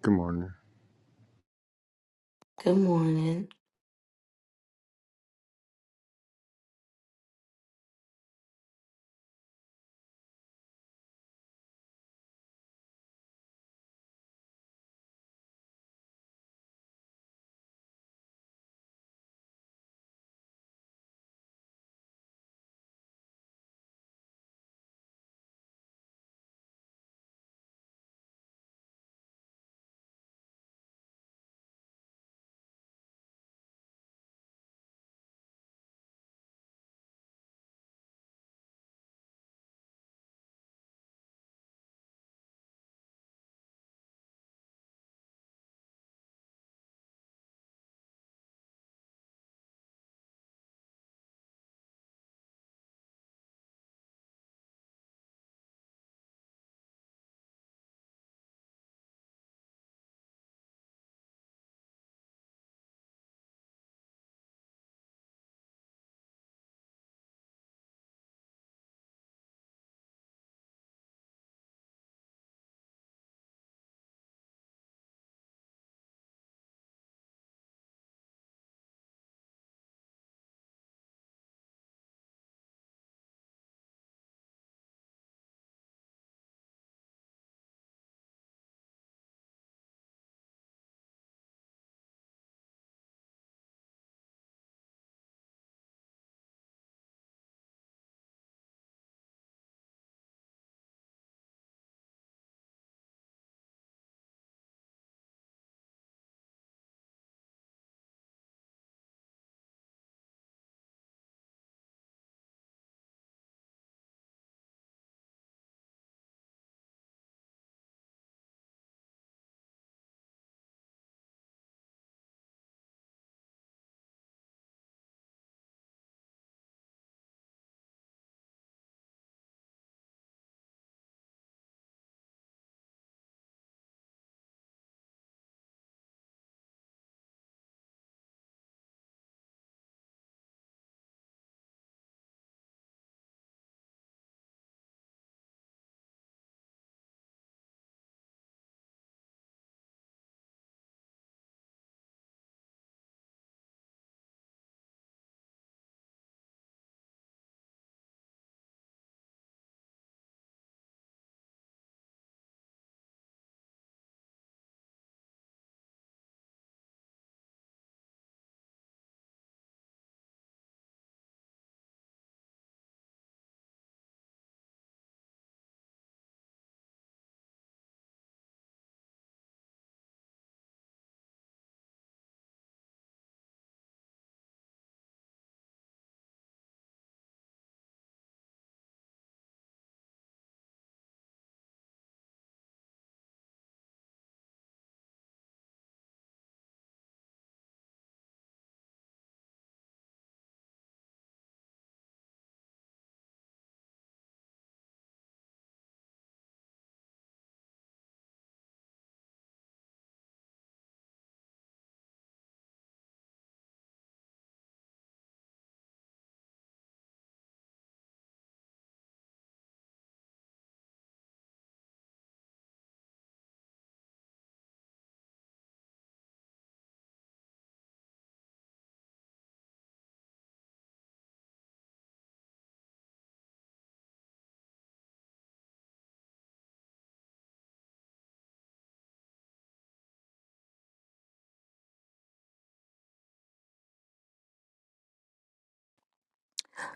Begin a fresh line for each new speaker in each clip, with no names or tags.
Good morning.
Good morning.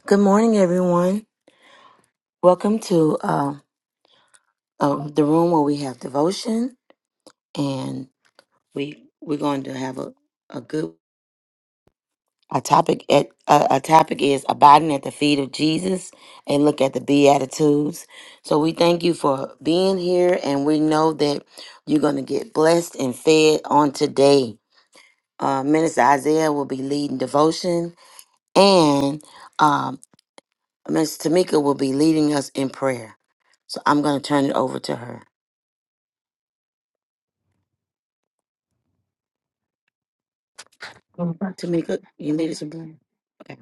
Good morning, everyone. Welcome to uh, uh, the room where we have devotion, and we we're going to have a, a good a topic. At, uh, our topic is abiding at the feet of Jesus and look at the beatitudes. So we thank you for being here, and we know that you're going to get blessed and fed on today. Uh, Minister Isaiah will be leading devotion, and um, Miss Tamika will be leading us in prayer. So I'm going to turn it over to her. Tamika, you lead us in prayer? Okay.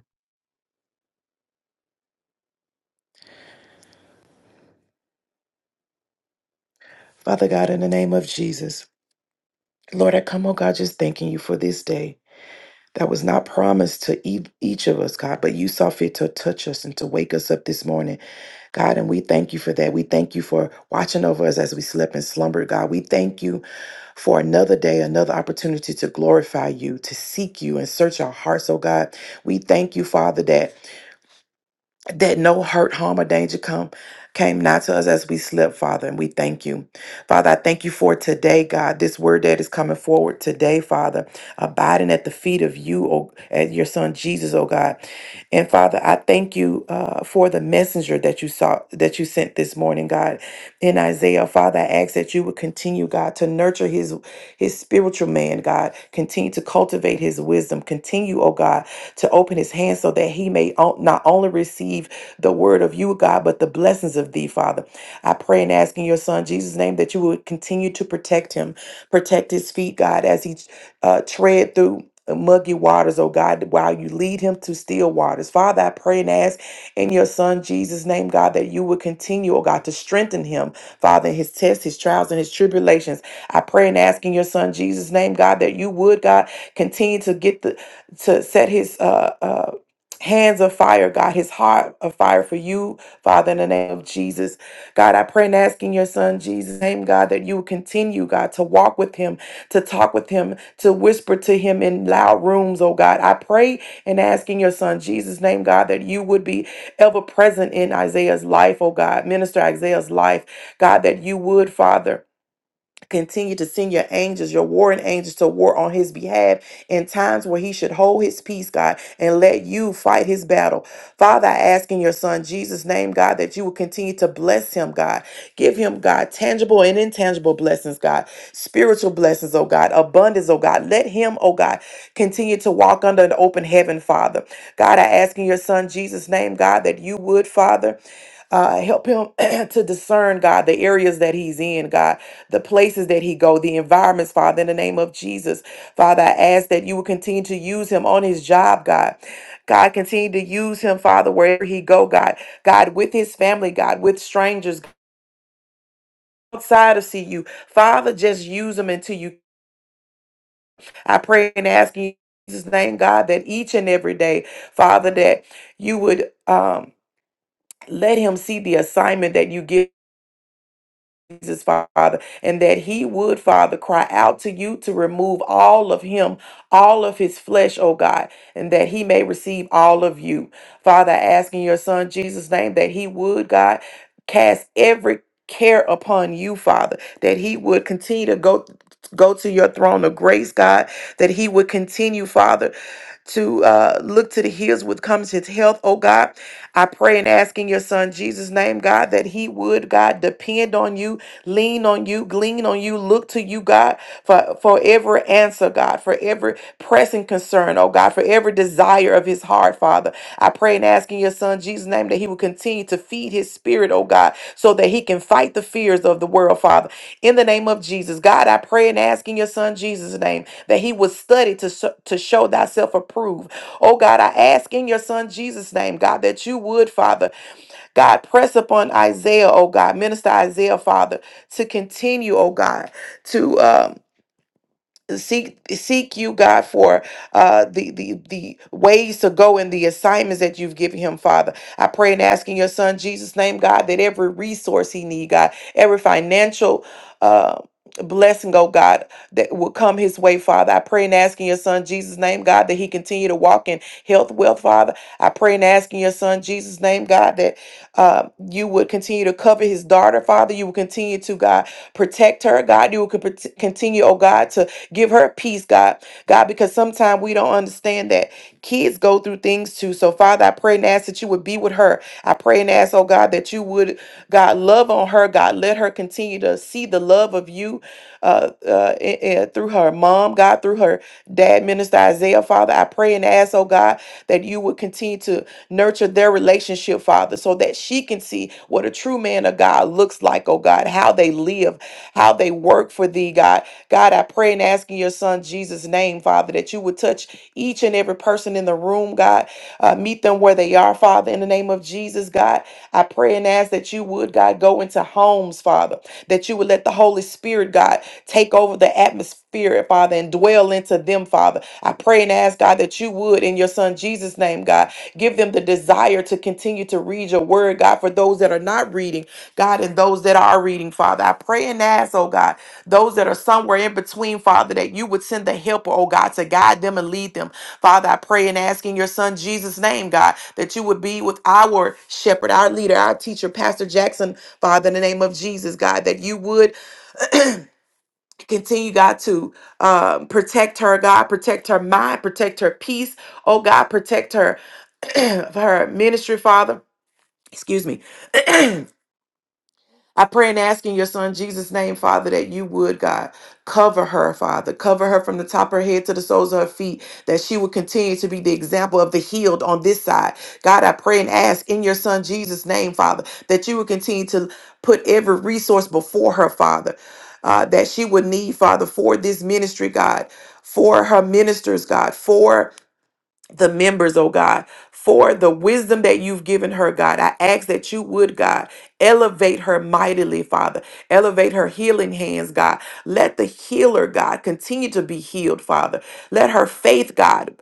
Father God, in the name of Jesus, Lord, I come, oh God, just thanking you for this day that was not promised to e- each of us, God, but you saw fit to touch us and to wake us up this morning, God, and we thank you for that. We thank you for watching over us as we slept and slumbered, God. We thank you for another day, another opportunity to glorify you, to seek you and search our hearts, oh God. We thank you, Father, that that no hurt, harm, or danger come came not to us as we slept, Father, and we thank you. Father, I thank you for today, God, this word that is coming forward today, Father, abiding at the feet of you, oh, at your son Jesus, oh God. And Father, I thank you uh, for the messenger that you saw, that you sent this morning, God. In Isaiah, Father, I ask that you would continue, God, to nurture his his spiritual man, God. Continue to cultivate his wisdom. Continue, oh God, to open his hands so that he may o- not only receive the word of you, God, but the blessings of thee, Father. I pray and ask in your son Jesus' name that you would continue to protect him, protect his feet, God, as he uh, tread through muggy waters, oh God, while you lead him to still waters. Father, I pray and ask in your son Jesus' name, God, that you would continue, oh God, to strengthen him, Father, in his tests, his trials, and his tribulations. I pray and ask in your son Jesus' name, God, that you would, God, continue to get the to set his uh, uh, hands of fire, God, his heart of fire for you, Father, in the name of Jesus. God, I pray and ask in your son Jesus' name, God, that you will continue, God, to walk with him, to talk with him, to whisper to him in loud rooms, oh God. I pray and ask in your son Jesus' name, God, that you would be ever present in Isaiah's life, oh God, minister Isaiah's life, God, that you would, Father. Continue to send your angels, your warring angels, to war on his behalf in times where he should hold his peace, God, and let you fight his battle. Father, I ask in your son Jesus' name, God, that you will continue to bless him, God. Give him, God, tangible and intangible blessings, God, spiritual blessings, oh God, abundance, oh God. Let him, oh God, continue to walk under an open heaven, Father. God, I ask in your son Jesus' name, God, that you would, Father uh, help him to discern god the areas that he's in god the places that he go the environments father in the name of jesus father i ask that you will continue to use him on his job god god continue to use him father wherever he go god god with his family god with strangers outside of cu father just use him until you i pray and ask in jesus name god that each and every day father that you would um let him see the assignment that you give Jesus, Father, and that He would, Father, cry out to you to remove all of Him, all of His flesh, oh God, and that He may receive all of you. Father, I ask in your Son Jesus' name that He would, God, cast every care upon you, Father, that He would continue to go. Go to your throne of grace, God, that He would continue, Father, to uh, look to the hills with comes His health, oh God. I pray and ask in your Son Jesus' name, God, that He would, God, depend on you lean on you, glean on you, look to you, God, for, for every answer, God, for every pressing concern, oh God, for every desire of his heart, Father. I pray and ask in your son Jesus' name that he will continue to feed his spirit, oh God, so that he can fight the fears of the world, Father. In the name of Jesus, God, I pray and ask in your son Jesus' name that he would study to, so- to show thyself approved. Oh God, I ask in your son Jesus' name, God, that you would, Father. God, press upon Isaiah, oh God, minister Isaiah, Father, to continue, oh God, to um seek seek you god for uh the the the ways to go and the assignments that you've given him father i pray and ask in your son jesus name god that every resource he need god every financial uh blessing oh god that will come his way father i pray and ask in your son jesus name god that he continue to walk in health wealth father i pray and ask in your son jesus name god that uh, you would continue to cover his daughter father you will continue to god protect her god you will con- continue oh god to Give her peace, God. God, because sometimes we don't understand that kids go through things too. So, Father, I pray and ask that you would be with her. I pray and ask, oh God, that you would, God, love on her. God, let her continue to see the love of you uh, uh, i- i- through her mom, God, through her dad, Minister Isaiah, Father. I pray and ask, oh God, that you would continue to nurture their relationship, Father, so that she can see what a true man of God looks like, oh God, how they live, how they work for thee, God. God, I pray and ask in your son Jesus' name, Father, that you would touch each and every person in the room, God. Uh, meet them where they are, Father, in the name of Jesus, God. I pray and ask that you would, God, go into homes, Father, that you would let the Holy Spirit, God, take over the atmosphere, Father, and dwell into them, Father. I pray and ask, God, that you would, in your son Jesus' name, God, give them the desire to continue to Read your word, God, for those that are not reading, God, and those that are reading, Father. I pray and ask, oh God, those that are somewhere in between, Father, that you would send the helper, oh God, to guide them and lead them. Father, I pray and ask in your son Jesus' name, God, that you would be with our shepherd, our leader, our teacher, Pastor Jackson, Father, in the name of Jesus, God, that you would continue, God, to um, protect her, God, protect her mind, protect her peace, oh God, protect her, her ministry, Father. Excuse me. I pray and ask in your son Jesus' name, Father, that you would, God, cover her, Father. Cover her from the top of her head to the soles of her feet, that she would continue to be the example of the healed on this side. God, I pray and ask in your son Jesus' name, Father, that you would continue to put every resource before her, Father, uh, that she would need, Father, for this ministry, God, for her ministers, God, for the members, oh God, for the wisdom that you've given her, God. I ask that you would, God, elevate her mightily, Father. Elevate her healing hands, God. Let the healer, God, continue to be healed, Father. Let her faith, God,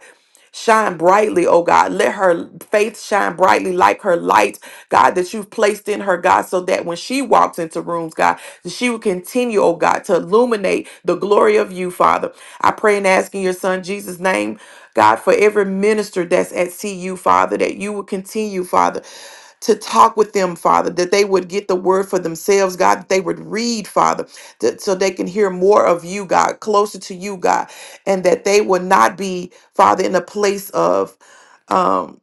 Shine brightly, oh God. Let her faith shine brightly like her light, God, that you've placed in her, God, so that when she walks into rooms, God, that she will continue, oh God, to illuminate the glory of you, Father. I pray and ask in your son Jesus' name, God, for every minister that's at CU, Father, that you will continue, Father, to talk with them, Father, that they would get the word for themselves, God, that they would read, Father, that, so they can hear more of you, God, closer to you, God and that they will not be, Father, in a place of um,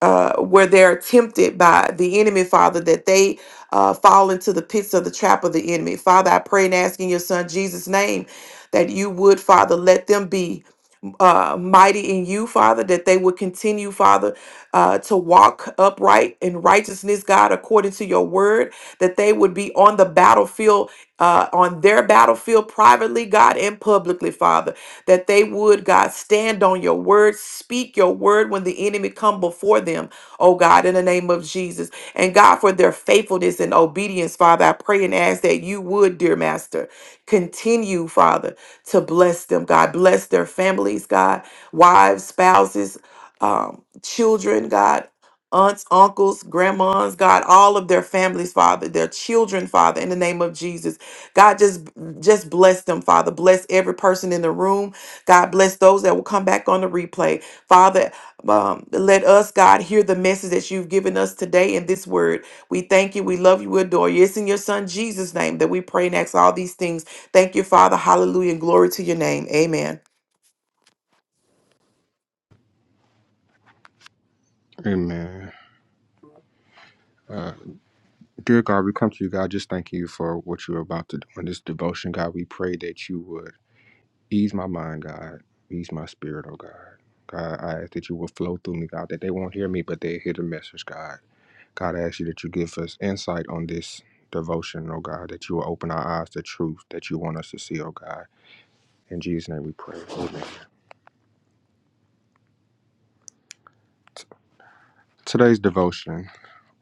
uh, where they're tempted by the enemy, Father, that they uh, fall into the pits of the trap of the enemy. Father, I pray and ask in your Son Jesus' name that you would, Father, let them be uh, mighty in you, Father, that they would continue, Father, uh, to walk upright in righteousness, God, according to your word, that they would be on the battlefield, uh, on their battlefield privately, God, and publicly, Father, that they would, God, stand on your word, speak your word when the enemy come before them, oh God, in the name of Jesus. And God, for their faithfulness and obedience, Father, I pray and ask that you would, dear Master, continue, Father to bless them, God. Bless their families, God, wives, spouses, um, children, God. Aunts, uncles, grandmas, God, all of their families, Father, their children, Father, in the name of Jesus. God, just just bless them, Father. Bless every person in the room. God, bless those that will come back on the replay. Father, um, let us, God, hear the message that you've given us today in this word. We thank you. We love you. We adore you. It's in your son Jesus' name that we pray and ask all these things. Thank you, Father. Hallelujah. Glory to your name. Amen.
Amen. Uh, dear God, we come to you, God, just thanking you for what you're about to do in this devotion, God. We pray that you would ease my mind, God, ease my spirit, oh God. God, I ask that you will flow through me, God, that they won't hear me, but they hear the message, God. God, I ask you that you give us insight on this devotion, oh God, that you will open our eyes to truth that you want us to see, oh God. In Jesus' name we pray. Amen. T- Today's devotion.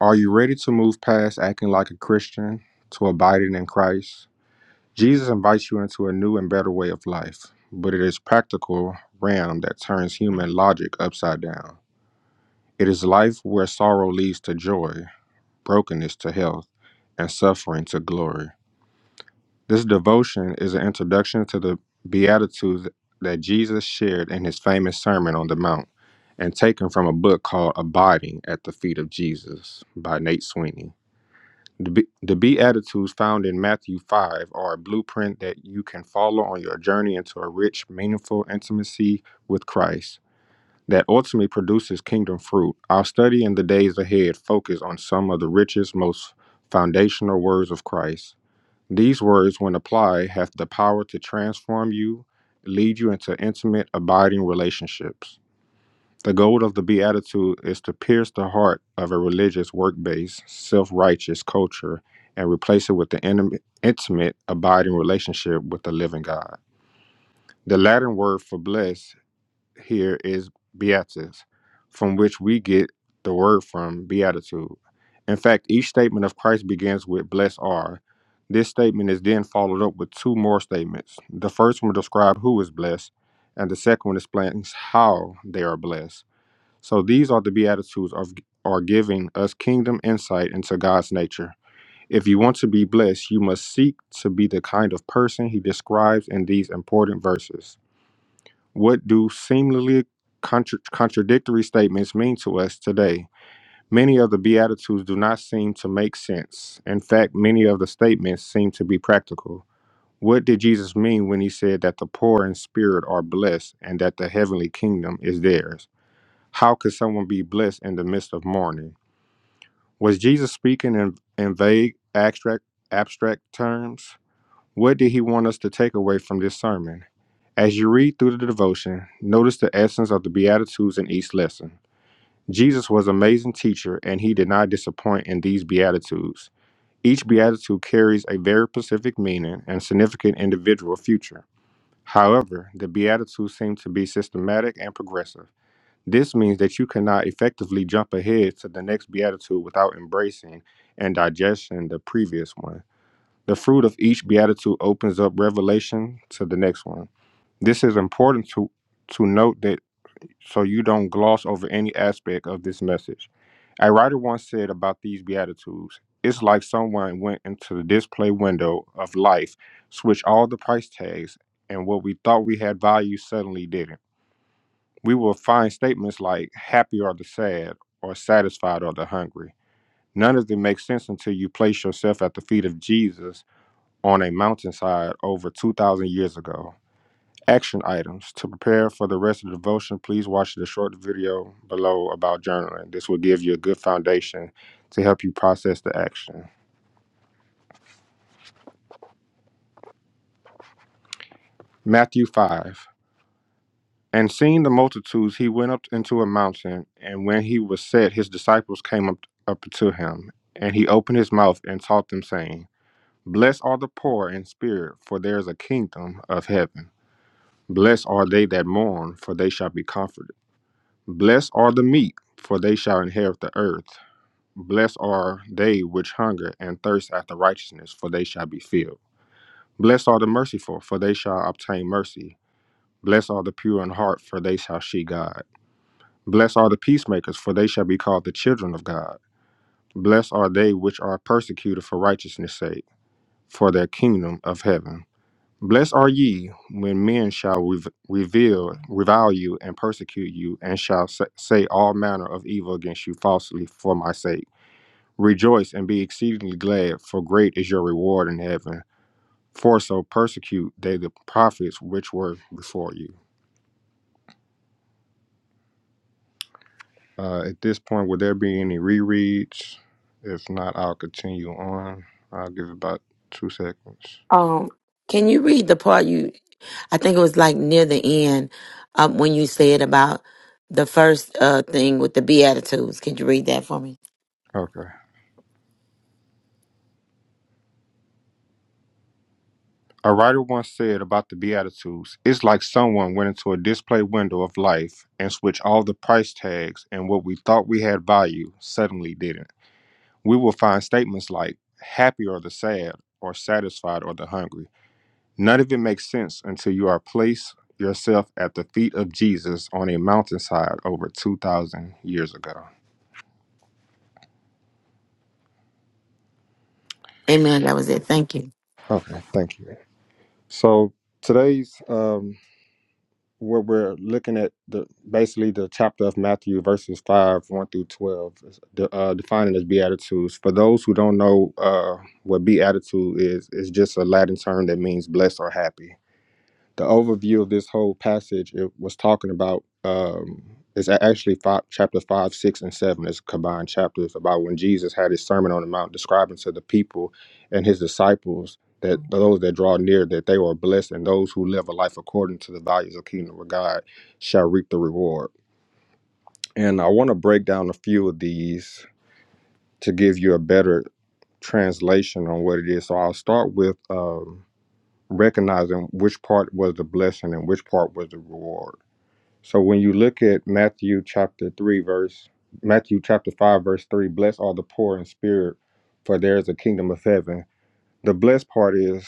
Are you ready to move past acting like a Christian to abiding in Christ? Jesus invites you into a new and better way of life, but it is practical realm that turns human logic upside down. It is life where sorrow leads to joy, brokenness to health, and suffering to glory. This devotion is an introduction to the Beatitudes that Jesus shared in his famous Sermon on the Mount and taken from a book called Abiding at the Feet of Jesus by Nate Sweeney. The, Be- the Beatitudes found in Matthew 5 are a blueprint that you can follow on your journey into a rich, meaningful intimacy with Christ that ultimately produces kingdom fruit. Our study in the days ahead focus on some of the richest, most foundational words of Christ. These words, when applied, have the power to transform you, lead you into intimate, abiding relationships. The goal of the Beatitude is to pierce the heart of a religious, work based, self righteous culture and replace it with the intim- intimate, abiding relationship with the living God. The Latin word for blessed here is beatus, from which we get the word from beatitude. In fact, each statement of Christ begins with blessed are. This statement is then followed up with two more statements. The first one describes who is blessed, and the second one explains how they are blessed. So these are the beatitudes of are giving us kingdom insight into God's nature. If you want to be blessed, you must seek to be the kind of person he describes in these important verses. What do seemingly contra- contradictory statements mean to us today? Many of the beatitudes do not seem to make sense. In fact, many of the statements seem to be practical. What did Jesus mean when he said that the poor in spirit are blessed and that the heavenly kingdom is theirs? How could someone be blessed in the midst of mourning? Was Jesus speaking in, in vague, abstract, abstract terms? What did he want us to take away from this sermon? As you read through the devotion, notice the essence of the Beatitudes in each lesson. Jesus was an amazing teacher, and he did not disappoint in these Beatitudes. Each Beatitude carries a very specific meaning and significant individual future. However, the Beatitudes seem to be systematic and progressive. This means that you cannot effectively jump ahead to the next beatitude without embracing and digesting the previous one. The fruit of each beatitude opens up revelation to the next one. This is important to to note that so you don't gloss over any aspect of this message. A writer once said about these beatitudes, it's like someone went into the display window of life, switched all the price tags, and what we thought we had value suddenly didn't. We will find statements like happy are the sad, or satisfied are the hungry. None of them make sense until you place yourself at the feet of Jesus on a mountainside over 2,000 years ago. Action items. To prepare for the rest of the devotion, please watch the short video below about journaling. This will give you a good foundation to help you process the action. Matthew 5. And seeing the multitudes, he went up into a mountain. And when he was set, his disciples came up, up to him. And he opened his mouth and taught them, saying, Blessed are the poor in spirit, for there is a kingdom of heaven. Blessed are they that mourn, for they shall be comforted. Blessed are the meek, for they shall inherit the earth. Blessed are they which hunger and thirst after righteousness, for they shall be filled. Blessed are the merciful, for they shall obtain mercy. Blessed are the pure in heart, for they shall see God. Blessed are the peacemakers, for they shall be called the children of God. Blessed are they which are persecuted for righteousness' sake, for their kingdom of heaven. Blessed are ye when men shall rev- reveal, revile you, and persecute you, and shall sa- say all manner of evil against you falsely for my sake. Rejoice and be exceedingly glad, for great is your reward in heaven. For so persecute they the prophets which were before you. Uh, at this point, would there be any rereads? If not, I'll continue on. I'll give it about two seconds.
Um, can you read the part you, I think it was like near the end um, when you said about the first uh, thing with the Beatitudes. Can you read that for me?
Okay. A writer once said about the Beatitudes it's like someone went into a display window of life and switched all the price tags, and what we thought we had value suddenly didn't. We will find statements like happy or the sad, or satisfied or the hungry. None of it makes sense until you are placed yourself at the feet of Jesus on a mountainside over 2,000 years ago.
Amen. That was it. Thank you.
Okay, thank you. So today's um what we're looking at the basically the chapter of Matthew verses five one through twelve, is de- uh, defining as beatitudes. For those who don't know uh what beatitude is, it's just a Latin term that means blessed or happy the overview of this whole passage it was talking about um it's a- actually five, chapter 5 6 and 7 It's combined chapters about when jesus had his sermon on the mount describing to the people and his disciples that those that draw near that they are blessed and those who live a life according to the values of kingdom of god shall reap the reward and i want to break down a few of these to give you a better translation on what it is so i'll start with um, recognizing which part was the blessing and which part was the reward so when you look at Matthew chapter 3 verse Matthew chapter 5 verse 3, bless all the poor in spirit, for there is a kingdom of heaven. The blessed part is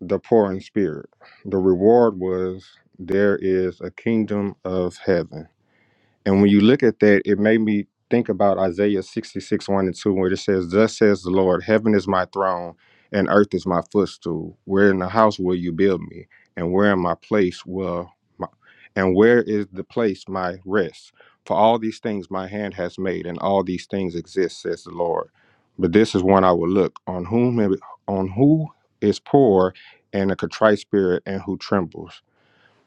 the poor in spirit. The reward was there is a kingdom of heaven. And when you look at that, it made me think about Isaiah 66, 1 and 2, where it says, Thus says the Lord, heaven is my throne and earth is my footstool. Where in the house will you build me? And where in my place will my, and where is the place my rest? For all these things my hand has made, and all these things exist, says the Lord. But this is one I will look on whom on who is poor and a contrite spirit and who trembles.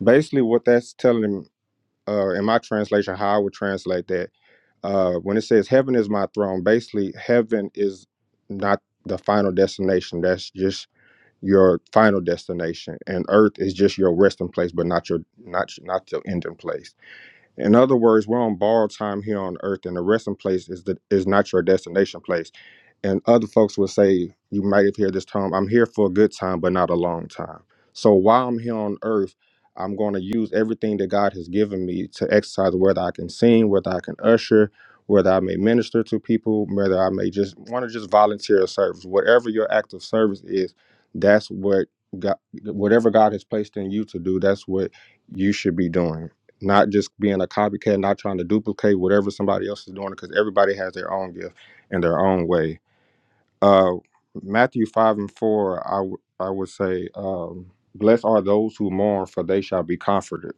Basically, what that's telling uh, in my translation, how I would translate that, uh, when it says heaven is my throne, basically heaven is not the final destination. That's just your final destination, and earth is just your resting place, but not your not not your ending place. In other words, we're on borrowed time here on earth, and the resting place is the is not your destination place. And other folks will say, you might have heard this term, I'm here for a good time, but not a long time. So while I'm here on earth, I'm going to use everything that God has given me to exercise, whether I can sing, whether I can usher, whether I may minister to people, whether I may just want to just volunteer a service. Whatever your act of service is, that's what God, whatever God has placed in you to do, that's what you should be doing. Not just being a copycat, not trying to duplicate whatever somebody else is doing, because everybody has their own gift in their own way uh, Matthew 5 and 4, I, w- I would say, um, Blessed are those who mourn, for they shall be comforted.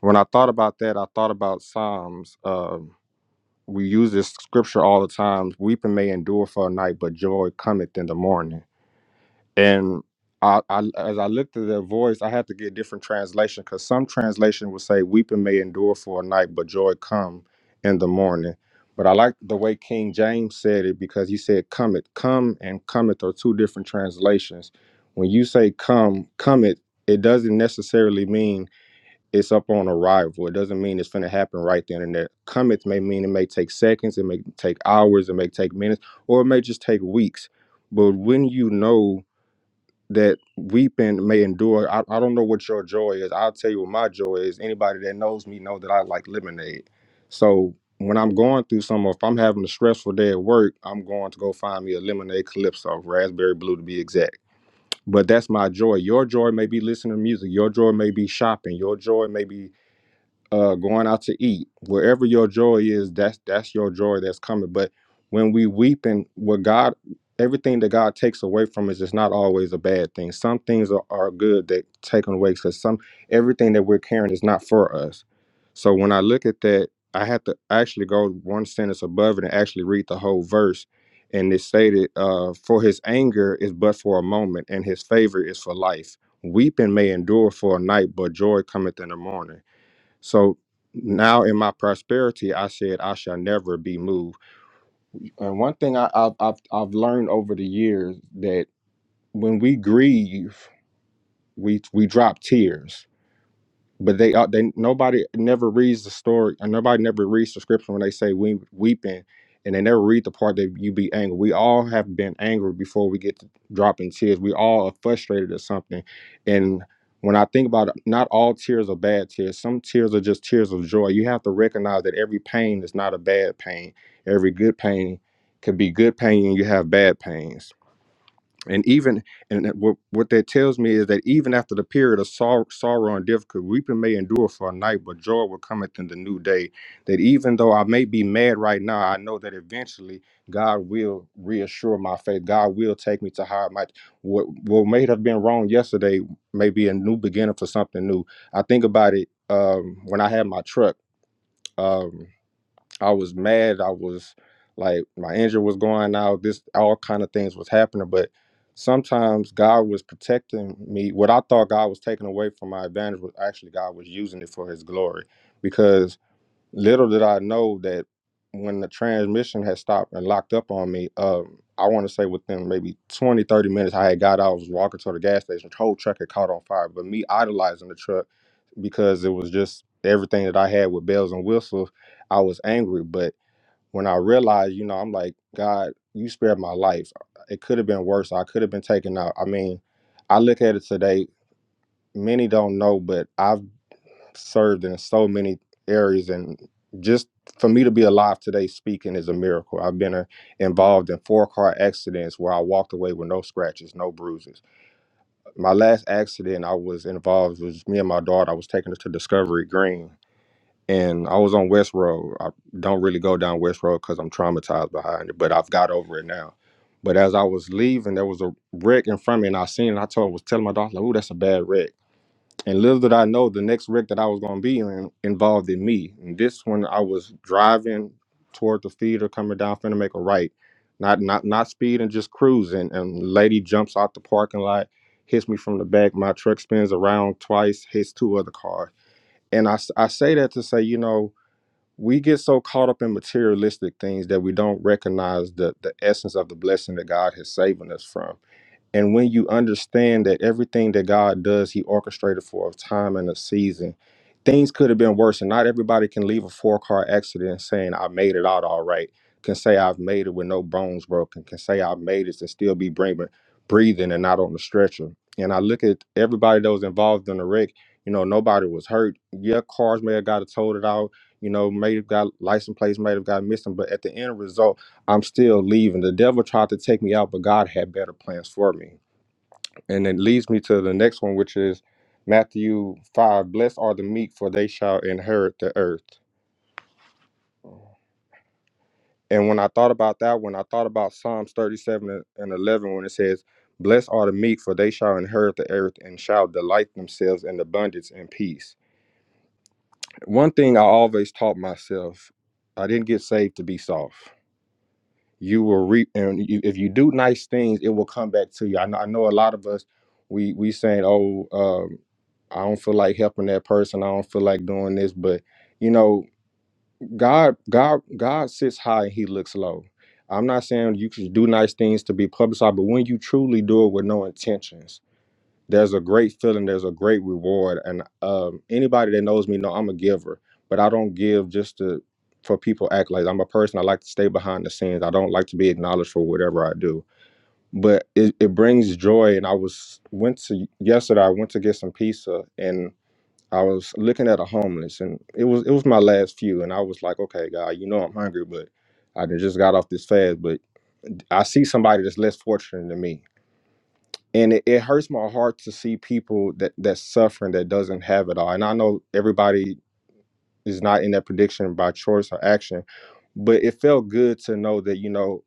When I thought about that, I thought about Psalms. Um, we use this scripture all the time Weeping may endure for a night, but joy cometh in the morning and I, I as I looked at their voice, I had to get different translation because some translation would say weeping may endure for a night, but joy come in the morning. But I like the way King James said it because he said cometh, come and cometh are two different translations. When you say come, cometh, it doesn't necessarily mean it's up on arrival. It doesn't mean it's going to happen right then and there. Cometh may mean it may take seconds, it may take hours, it may take minutes, or it may just take weeks. But when you know that weeping may endure. I, I don't know what your joy is. I'll tell you what my joy is. Anybody that knows me know that I like lemonade. So when I'm going through some, if I'm having a stressful day at work, I'm going to go find me a lemonade calypso, raspberry blue to be exact. But that's my joy. Your joy may be listening to music. Your joy may be shopping. Your joy may be uh going out to eat wherever your joy is that's that's your joy that's coming but when we weep and what god everything that god takes away from us is not always a bad thing some things are, are good that taken away because some everything that we're carrying is not for us so when i look at that i have to actually go one sentence above it and actually read the whole verse and it stated uh for his anger is but for a moment and his favor is for life weeping may endure for a night but joy cometh in the morning so now in my prosperity, I said, I shall never be moved. And one thing I, I've, I've, I've learned over the years that when we grieve, we, we drop tears but they are they nobody never reads the story and nobody never reads the scripture when they say we weeping and they never read the part that you be angry we all have been angry before we get to dropping tears we all are frustrated at something and when i think about it not all tears are bad tears some tears are just tears of joy you have to recognize that every pain is not a bad pain every good pain could be good pain and you have bad pains and even and that what what that tells me is that even after the period of sor- sorrow and difficulty, weeping may endure for a night, but joy will cometh in the new day. That even though I may be mad right now, I know that eventually God will reassure my faith. God will take me to higher my what what may have been wrong yesterday may be a new beginning for something new. I think about it um, when I had my truck. Um, I was mad. I was like my injury was going out. This all kind of things was happening, but sometimes God was protecting me. What I thought God was taking away from my advantage was actually God was using it for His glory, because Little did I know that when the transmission had stopped and locked up on me, um, I want to say within maybe 20, 30 minutes, I had got out, was walking to the gas station. The whole truck had caught on fire. But me idolizing the truck because it was just everything that I had with bells and whistles, I was angry. But when I realized, you know, I'm like, God, you spared my life. It could have been worse. I could have been taken out. I mean, I look at it today, many don't know, but I've served in so many areas and just for me to be alive today speaking is a miracle i've been uh, involved in four car accidents where i walked away with no scratches no bruises my last accident i was involved was me and my daughter i was taking her to discovery green and i was on west road i don't really go down west road because i'm traumatized behind it but i've got over it now but as i was leaving there was a wreck in front of me and i seen it And i told was telling my daughter like, oh that's a bad wreck and little did I know the next wreck that I was going to be in involved in me. And this one, I was driving toward the theater, coming down, finna make a right, not not not speeding, just cruising. And lady jumps out the parking lot, hits me from the back. My truck spins around twice, hits two other cars. And I s- I say that to say, you know, we get so caught up in materialistic things that we don't recognize the the essence of the blessing that God has saving us from and when you understand that everything that God does, He orchestrated for a time and a season, things could have been worse. And not everybody can leave a four car accident saying, I made it out all right, can say, I've made it with no bones broken, can say, I've made it and still be breathing, breathing and not on the stretcher. And I look at everybody that was involved in the wreck, you know, nobody was hurt. Yeah, cars may have got totaled out, you know, may have got license plates, may have got missing, but at the end result, I'm still leaving. The devil tried to take me out, but God had better plans for me. And it leads me to the next one, which is Matthew 5 Blessed are the meek, for they shall inherit the earth. And when I thought about that, one, I thought about Psalms 37 and 11, when it says, Blessed are the meek, for they shall inherit the earth and shall delight themselves in abundance and peace. One thing I always taught myself I didn't get saved to be soft. you will reap and you, if you do nice things it will come back to you i know, I know a lot of us we we saying oh um, i don't feel like helping that person i don't feel like doing this but you know god god god sits high and he looks low i'm not saying you should do nice things to be publicized but when you truly do it with no intentions there's a great feeling there's a great reward and um, anybody that knows me know i'm a giver but i don't give just to for people act like i'm a person i like to stay behind the scenes i don't like to be acknowledged for whatever i do but it, it brings joy and i was went to yesterday i went to get some pizza and i was looking at a homeless and it was it was my last few and i was like okay god you know i'm hungry but i done just got off this fast but i see somebody that's less fortunate than me and it, it hurts my heart to see people that that's suffering that doesn't have it all and i know everybody is not in that prediction by choice or action. But it felt good to know that, you know,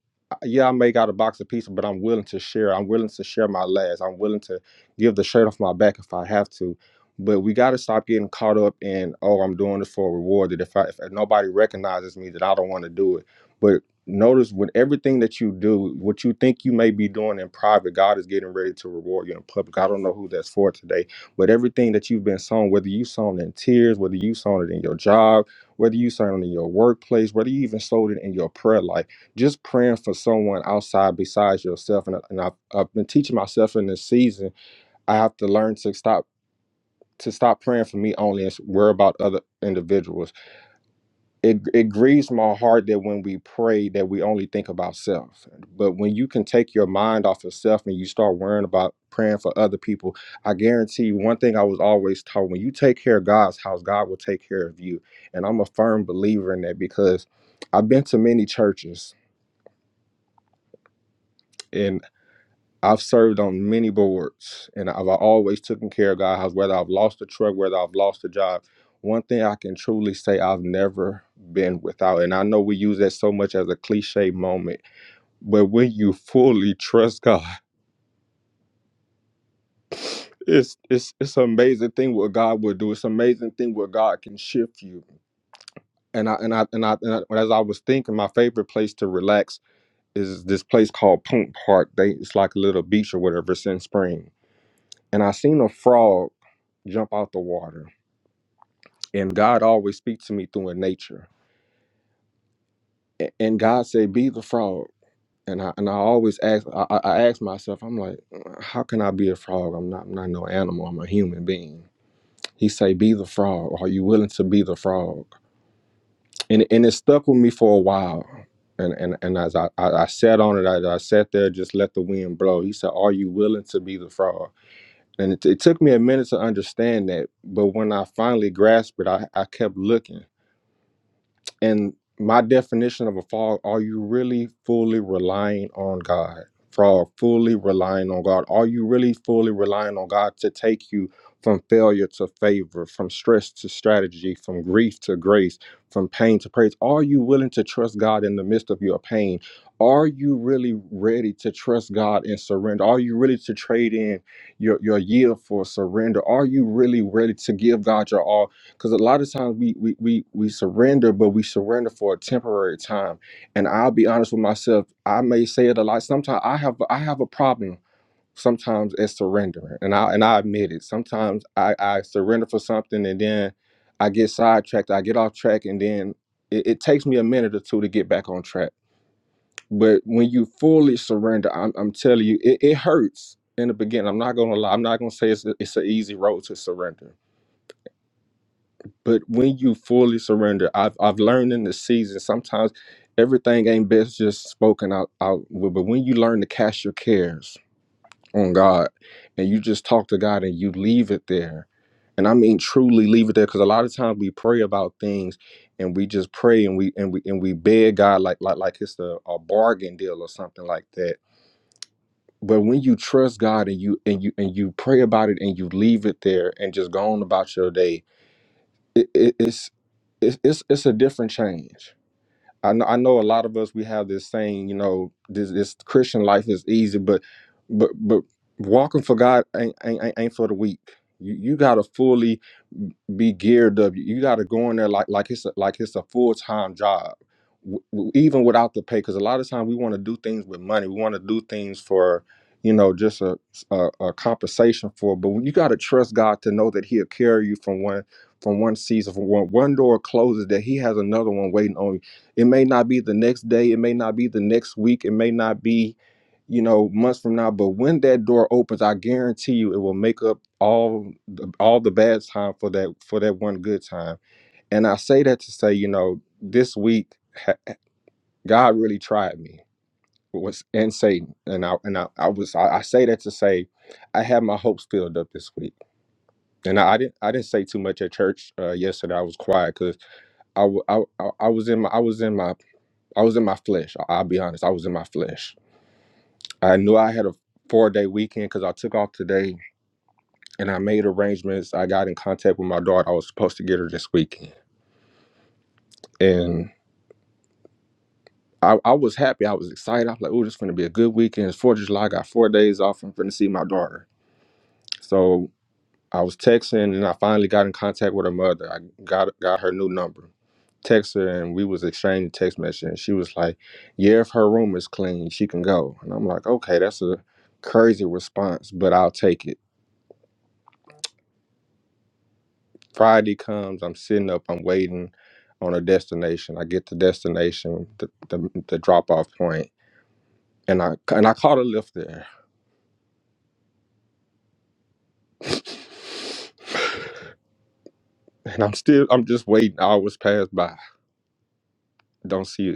yeah, I may got a box of pizza, but I'm willing to share. I'm willing to share my last. I'm willing to give the shirt off my back if I have to. But we got to stop getting caught up in, oh, I'm doing this for a reward. That if, I, if nobody recognizes me, that I don't want to do it. But notice with everything that you do, what you think you may be doing in private, God is getting ready to reward you in public. I don't know who that's for today but everything that you've been sown, whether you sown in tears, whether you sown it in your job, whether you sown it in your workplace, whether you even sowed it in your prayer life, just praying for someone outside besides yourself. And, I- and I've, I've been teaching myself in this season, I have to learn to stop to stop praying for me only and worry about other individuals it it grieves my heart that when we pray that we only think about self but when you can take your mind off of self and you start worrying about praying for other people i guarantee you one thing i was always taught when you take care of god's house god will take care of you and i'm a firm believer in that because i've been to many churches and. I've served on many boards and I've always taken care of God's house, whether I've lost a truck, whether I've lost a job. One thing I can truly say I've never been without, and I know we use that so much as a cliche moment, but when you fully trust God, it's it's it's an amazing thing what God will do. It's an amazing thing what God can shift you. And I and I and I, and I as I was thinking, my favorite place to relax is this place called Punk Park. They it's like a little beach or whatever. It's in spring, and I seen a frog jump out the water. And God always speaks to me through a nature. A- And God said, "Be the frog." And I and I always ask. I, I I ask myself, I'm like, how can I be a frog? I'm not. I'm not no animal. I'm a human being. He say, "Be the frog." Are you willing to be the frog? And and it stuck with me for a while. And and and as I I, I sat on it, I, I sat there, just let the wind blow. He said, "Are you willing to be the frog?" And it, it took me a minute to understand that. But when I finally grasped it, I, I kept looking And my definition of a fall, are you really fully relying on God? For fully relying on God. Are you really fully relying on God to take you from failure to favor, from stress to strategy, from grief to grace, from pain to praise? Are you willing to trust God in the midst of your pain? Are you really ready to trust God and surrender? Are you ready to trade in your, your yield for surrender? Are you really ready to give God your all? because a lot of times we, we we we surrender but we surrender for a temporary time and i'll be honest with myself i may say it a lot sometimes i have i have a problem sometimes at surrendering and i and i admit it sometimes i i surrender for something and then i get sidetracked i get off track and then it, it takes me a minute or two to get back on track but when you fully surrender i'm, I'm telling you it, it hurts in the beginning i'm not gonna lie i'm not gonna say it's, it's an easy road to surrender but when you fully surrender, I've I've learned in the season sometimes everything ain't best just spoken out out. But when you learn to cast your cares on God and you just talk to God and you leave it there, and I mean truly leave it there, because a lot of times we pray about things and we just pray and we and we and we beg God like like like it's a, a bargain deal or something like that. But when you trust God and you and you and you pray about it and you leave it there and just go on about your day, it, it, it's it's it's it's a different change. I know, I know a lot of us we have this saying, you know, this, this Christian life is easy, but but but walking for God ain't ain't, ain't ain't for the weak. You you gotta fully be geared up. You gotta go in there like like it's a, like it's a full time job, w- w- even without the pay. Because a lot of times we want to do things with money. We want to do things for you know just a, a a compensation for. But you gotta trust God to know that He'll carry you from one from one season from one one door closes that He has another one waiting on you it may not be the next day, it may not be the next week, it may not be, you know, months from now, but when that door opens, I guarantee you it will make up all the, all the bad time for that for that one good time. And I say that to say, you know, this week ha- God really tried me was and Satan. And I and I, I was I, I say that to say I had my hopes filled up this week. And I, I didn't I didn't say too much at church uh, yesterday. I was quiet because I, w- I, I I was in my I was in my I was in my flesh. I- I'll be honest. I was in my flesh. I knew I had a four day weekend because I took off today and I made arrangements. I got in contact with my daughter. I was supposed to get her this weekend. And I, I was happy. I was excited. I was like, oh, this is going to be a good weekend. It's 4th of July. I got four days off. I'm going to see my daughter. So I was texting and I finally got in contact with her mother. I got got her new number. Text her and we was exchanging text messages and she was like, Yeah, if her room is clean, she can go. And I'm like, Okay, that's a crazy response, but I'll take it. Friday comes, I'm sitting up, I'm waiting on a destination. I get the destination, the the, the drop off point, and I and I caught a lift there. and I'm still I'm just waiting. Hours pass by. Don't see it.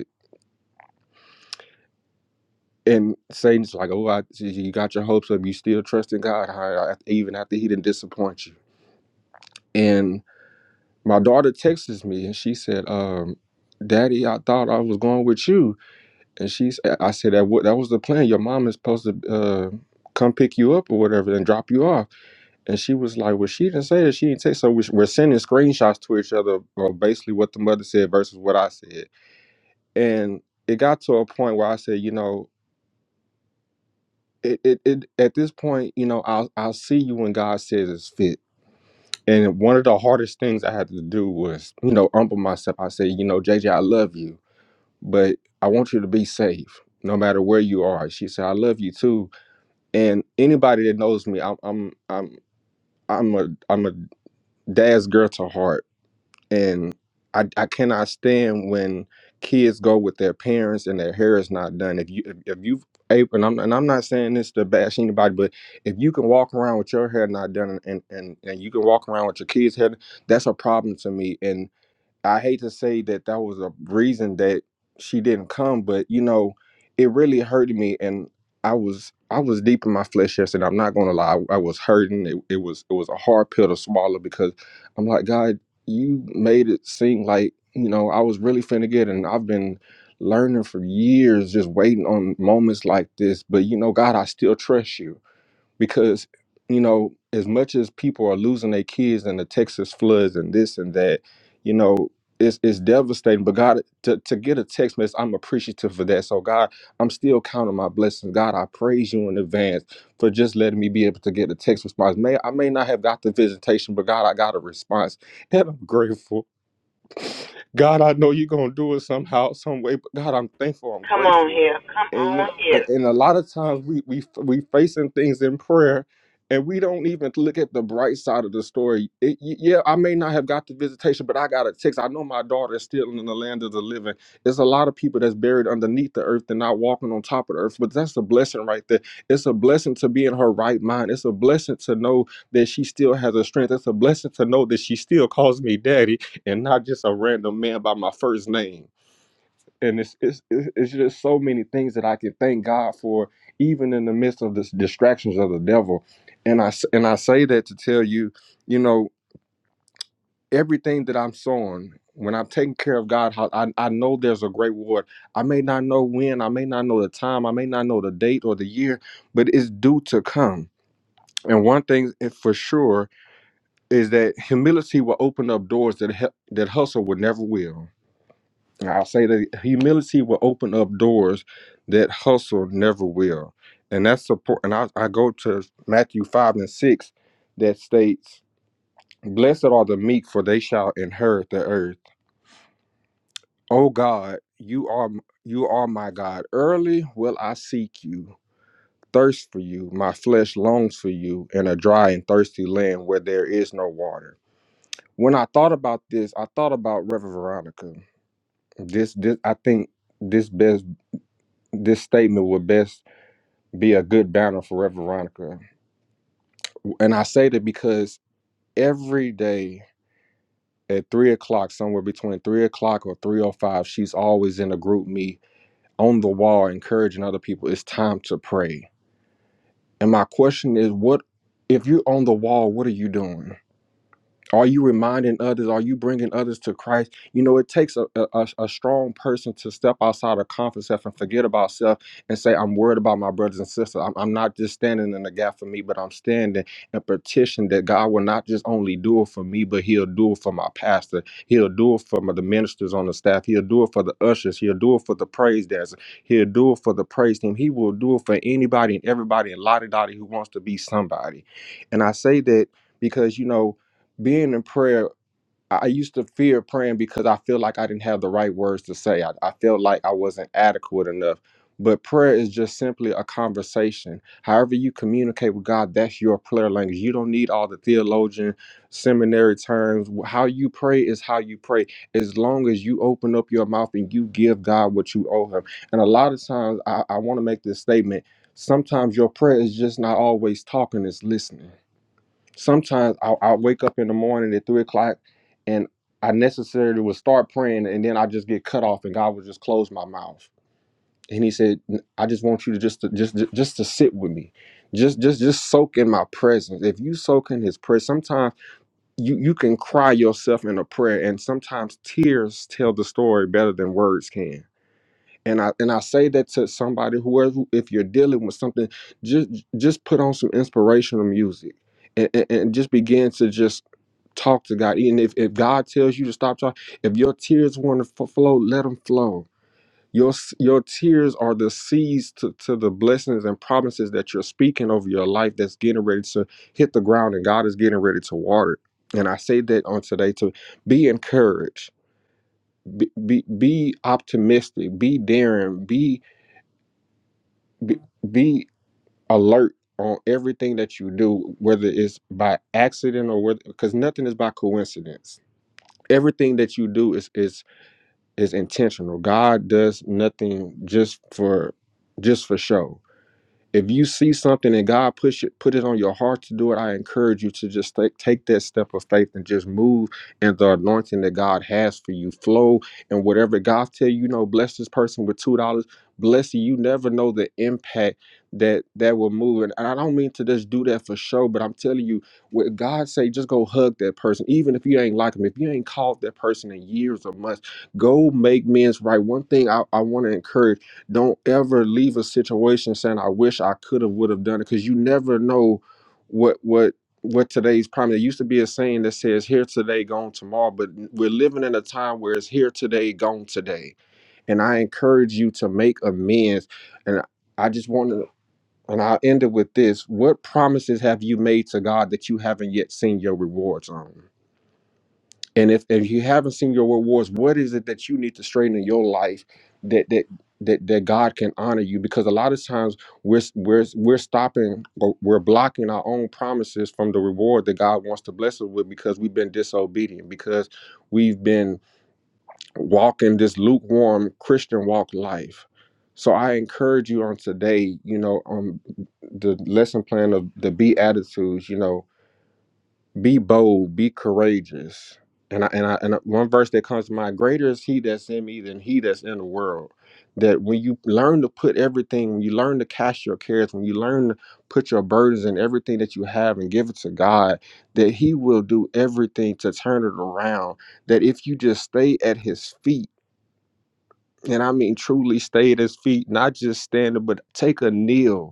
and Satan's like, "Oh, I, you got your hopes up. You still trust in God, huh? even after He didn't disappoint you." And my daughter texts me, and she said, um, "Daddy, I thought I was going with you." And she, I said, "That wa- that was the plan. Your mom is supposed to uh, come pick you up or whatever, and drop you off." And she was like, "Well, she didn't say that. She didn't text." So we- we're sending screenshots to each other, or basically what the mother said versus what I said, and. It got to a point where I said, you know, it, it, it at this point, you know, I'll I'll see you when God says it's fit. And one of the hardest things I had to do was, you know, humble myself. I said, you know, JJ, I love you, but I want you to be safe, no matter where you are. She said, I love you too. And anybody that knows me, I'm I'm I'm I'm a I'm a dad's girl to heart and I, I cannot stand when kids go with their parents and their hair is not done. If you if, if you and I'm and I'm not saying this to bash anybody, but if you can walk around with your hair not done and and and you can walk around with your kids' hair, that's a problem to me. And. I hate to say that that was a reason that she didn't come, but you know, it really hurt me, and I was I was deep in my flesh yesterday. I'm not gonna lie, I, I was hurting. It, it was it was a hard pill to swallow because I'm like, God, you made it seem like you know I was really finna get, it, and I've been learning for years just waiting on moments like this. But you know, God, I still trust you because you know as much as people are losing their kids in the texas floods and this and that you know it's, it's devastating but god to, to get a text message i'm appreciative for that so god i'm still counting my blessings god i praise you in advance for just letting me be able to get a text response may i may not have got the visitation but god i got a response and i'm grateful God, I know you're gonna do it somehow, some way. But God, I'm thankful. I'm
Come on
grateful.
here. Come
And you
on
know, a-
here.
and a lot of times we we we facing things in prayer, and we don't even look at the bright side of the story. It, y- yeah, I may not have got the visitation, but I got a text. I know my daughter is still in the land of the living. There's a lot of people that's buried underneath the earth and not walking on top of the earth. But that's a blessing right there. It's a blessing to be in her right mind. It's a blessing to know that she still has a strength. It's a blessing to know that she still calls me daddy and not just a random man by my first name. And it's it's it's it's just so many things that I can thank God for, even in the midst of the distractions of the devil. And I s- and I say that to tell you, you know, everything that I'm sowing. When I'm taking care of God, how I, I know there's a great reward. I may not know when, I may not know the time, I may not know the date or the year, but it's due to come. And one thing eh, for sure is that humility will open up doors that hu- that hustle would never will And I'll say that humility will open up doors that hustle never will. And that's support. And I, I go to Matthew 5 and 6 that states, Blessed are the meek, for they shall inherit the earth. O God, you are you are my God. Early will I seek you, thirst for you. My flesh longs for you in a dry and thirsty land where there is no water. When I thought about this, I thought about Reverend Veronica. This, this I think this best this statement would best be a good banner for Rev Veronica. And I say that because every day at three o'clock, somewhere between three o'clock or three o five, she's always in a group meet on the wall, encouraging other people. It's time to pray. And my question is, what if you're on the wall? What are you doing? Are you reminding others? Are you bringing others to Christ? You know, it takes a, a, a strong person to step outside of comfort self and forget about self and say, I'm worried about my brothers and sisters. I'm, I'm not just standing in the gap for me, but I'm standing and petition that God will not just only do it for me, but He'll do it for my pastor. He'll do it for my, the ministers on the staff. He'll do it for the ushers. He'll do it for the praise dancers. He'll do it for the praise team. He will do it for anybody and everybody and lottie dottie who wants to be somebody. And I say that because, you know, being in prayer, I I used to fear praying because I feel like I didn't have the right words to say. I, I felt like I wasn't adequate enough. But prayer is just simply a conversation. However, you communicate with God, that's your prayer language. You don't need all the theologian, seminary terms. How you pray is how you pray, as long as you open up your mouth and you give God what you owe Him. And a lot of times, I, I want to make this statement sometimes your prayer is just not always talking, it's listening sometimes I'll, I'll wake up in the morning at three o'clock and I necessarily would start praying and then I just get cut off and God would just close my mouth. And he said, I just want you to just to, just just to sit with me. Just just just soak in my presence. If you soak in his prayer, sometimes you, you can cry yourself in a prayer and sometimes tears tell the story better than words can. And I and I say that to somebody whoever if you're dealing with something, just just put on some inspirational music and, and, and just begin to just Talk to God. And if, if God tells you to stop talking, if your tears want to f- flow, let them flow. Your, s- your tears are the seeds to, to the blessings and promises that you're speaking over your life that's getting ready to hit the ground and God is getting ready to water it. And I say that on today to be encouraged, be, be, be optimistic, be daring, be, be, be alert on everything that you do, whether it's by accident or whether, because nothing is by coincidence everything that you do is is is intentional god does nothing just for just for show if you see something and God push it, put it on your heart to do it, I encourage you to just take, take that step of faith and just move in the anointing that God has for you. Flow and whatever God tell you, you know, bless this person with two dollars. Bless you. You never know the impact that that will move. And I don't mean to just do that for show, but I'm telling you, what God say, just go hug that person, even if you ain't like them, if you ain't called that person in years or months, go make men's right. One thing I, I want to encourage don't ever leave a situation saying i wish i could have would have done it because you never know what what what today's problem there used to be a saying that says here today gone tomorrow but we're living in a time where it's here today gone today and i encourage you to make amends and i just want to and i'll end it with this what promises have you made to god that you haven't yet seen your rewards on and if, if you haven't seen your rewards, what is it that you need to straighten in your life that that that, that God can honor you? Because a lot of times we're we're we're stopping or we're blocking our own promises from the reward that God wants to bless us with because we've been disobedient, because we've been walking this lukewarm Christian walk life. So I encourage you on today, you know, on the lesson plan of the Beatitudes, you know, be bold, be courageous. And I, and I, and one verse that comes to mind: Greater is He that's in me than He that's in the world. That when you learn to put everything, when you learn to cast your cares, when you learn to put your burdens and everything that you have and give it to God, that He will do everything to turn it around. That if you just stay at His feet, and I mean truly stay at His feet, not just standing, but take a kneel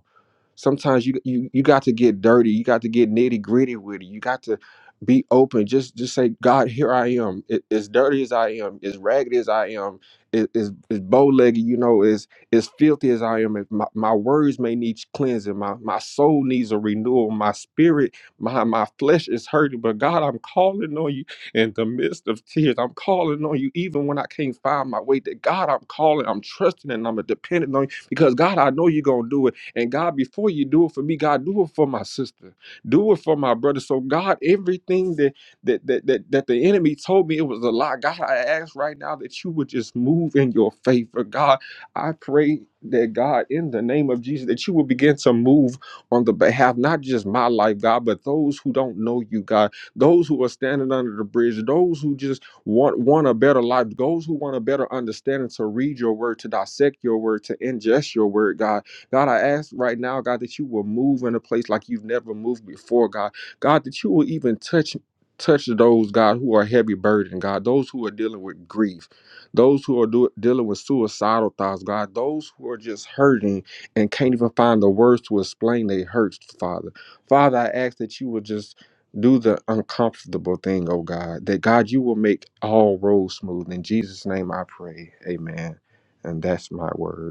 Sometimes you you you got to get dirty. You got to get nitty gritty with it. You got to be open. Just just say, God, here I am. A- As dirty as I am, as ragged as I am, a- as as bow legged, you know, as as filthy as I am. If My, my words may need cleansing. My my soul needs a renewal. My spirit, my my flesh is hurting. But God, I'm calling on you in the midst of tears. I'm calling on you even when I can't find my way. That God, I'm calling. I'm trusting and I'm dependent on you because God, I know you're gonna do it. And God, before you do it for me, God, do it for my sister. Do it for my brother. So God, everything that that that that, that the enemy told me it was a lie. God, I ask right now that you would just move in your favor. God, I pray that God, in the name of Jesus, that you will begin to move on the behalf, not just my life, God, but those who don't know you, God, those who are standing under the bridge, those who just want want a better life, those who want a better understanding to read your word, to dissect your word, to ingest your word, God. God, I ask right now, God, that you will move in a place like you've never moved before, God. God, that you will even touch touch those god who are heavy burdened god those who are dealing with grief those who are do- dealing with suicidal thoughts god those who are just hurting and can't even find the words to explain their hurts father father i ask that you would just do the uncomfortable thing oh god that god you will make all roads smooth in jesus name i pray amen and that's my word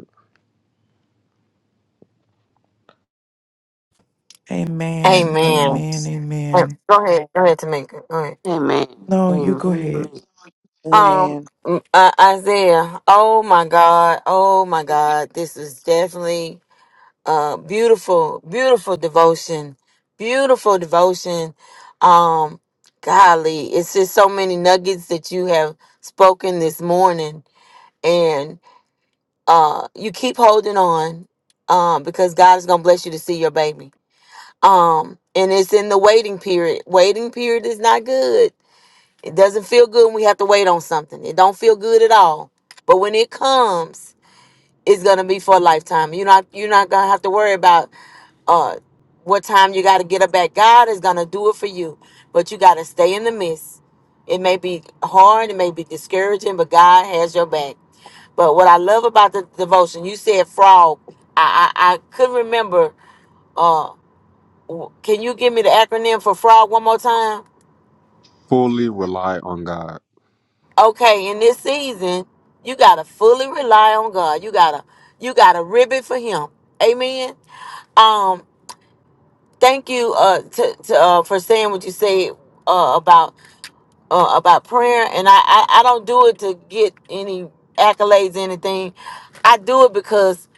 Amen.
Amen.
Amen.
Uh,
Amen.
Go ahead. Go ahead, Tamika. Go ahead.
Amen.
No, you go
Amen.
ahead.
Um,
Amen.
mm, uh, Isaiah. Oh my God. Oh my
Amen.
God. This is definitely uh, beautiful, beautiful devotion, beautiful devotion. Um, golly, it's just so many nuggets that you have spoken this morning, and uh, you keep holding on, um, because God is gonna bless you to see your baby. Um, and it's in the waiting period. Waiting period is not good. It doesn't feel good when we have to wait on something. It don't feel good at all. But when it comes, it's gonna be for a lifetime. You're not you're not gonna have to worry about uh what time you got to get up at god is gonna do it for you but you got to stay in the midst it may be hard it may be discouraging but god has your back but what i love about the devotion you said frog i i, I couldn't remember uh w- can you give me the acronym for frog one more time
fully rely on God.
okay in this season you got to fully rely on god you gotta you gotta ribbon for him amen Um. thank you uh to, to uh for saying what you say uh about uh about prayer and I, I i don't do it to get any accolades anything i do it because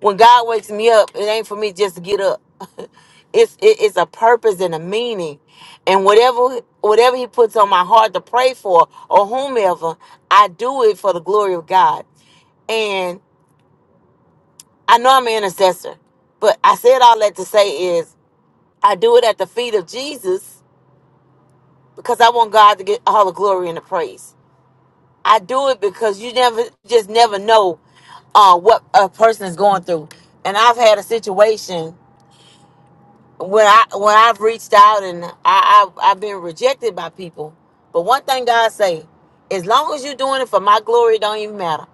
when god wakes me up it ain't for me just to get up it's it, it's a purpose and a meaning and whatever whatever he puts on my heart to pray for or whomever i do it for the glory of god and i know i'm an intercessor but i said all that to say is i do it at the feet of jesus because I want God to get all the glory and the praise. I do it because you never just never know uh, what a person is going through. And I've had a situation when I when I've reached out and I, I I've been rejected by people. But one thing God say, as long as you're doing it for my glory, it don't even matter.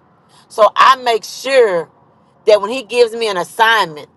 So I make sure that when He gives me an assignment.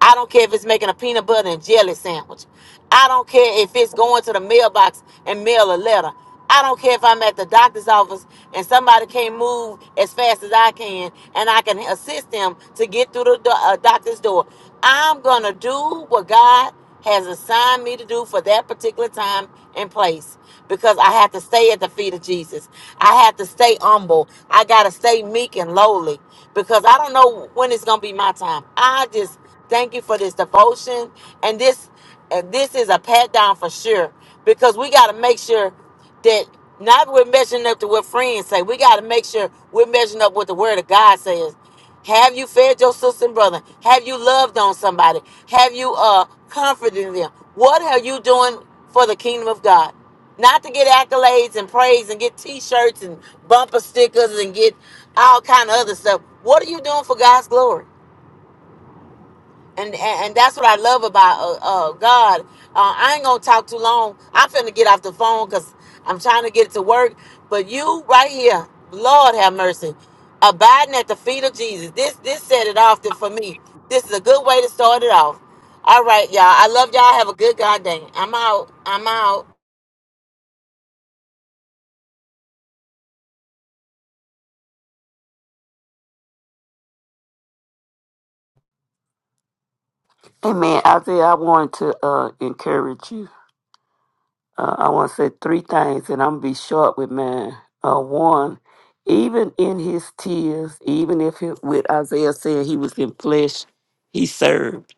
I don't care if it's making a peanut butter and jelly sandwich. I don't care if it's going to the mailbox and mail a letter. I don't care if I'm at the doctor's office and somebody can't move as fast as I can and I can assist them to get through the do- uh, doctor's door. I'm going to do what God has assigned me to do for that particular time and place because I have to stay at the feet of Jesus. I have to stay humble. I got to stay meek and lowly because I don't know when it's going to be my time. I just thank you for this devotion. And this, and this is a pat down for sure because we got to make sure that not we're measuring up to what friends say. We got to make sure we're measuring up what the word of God says. Have you fed your sister and brother? Have you loved on somebody? Have you uh comforted them? What are you doing for the kingdom of God? not to get accolades and praise and get t-shirts and bumper stickers and get all kind of other stuff what are you doing for god's glory and and, and that's what i love about uh, uh god uh, i ain't gonna talk too long i'm finna get off the phone because i'm trying to get to work but you right here lord have mercy abiding at the feet of jesus this this set it off for me this is a good way to start it off all right y'all i love y'all have a good god day i'm out i'm out
Amen. Isaiah, I want to uh, encourage you. Uh, I want to say three things, and I'm going to be short with mine. Uh, one, even in his tears, even if it, with Isaiah saying he was in flesh, he served.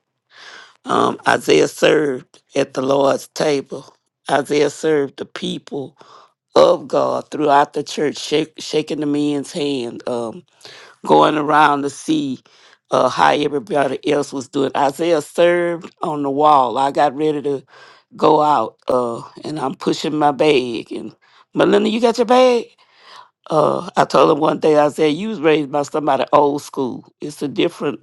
Um, Isaiah served at the Lord's table. Isaiah served the people of God throughout the church, shak- shaking the men's hand. Um, going around to see uh, how everybody else was doing. Isaiah served on the wall. I got ready to go out, uh, and I'm pushing my bag. And Melinda, you got your bag? Uh, I told him one day, I said, "You was raised by somebody old school. It's a different."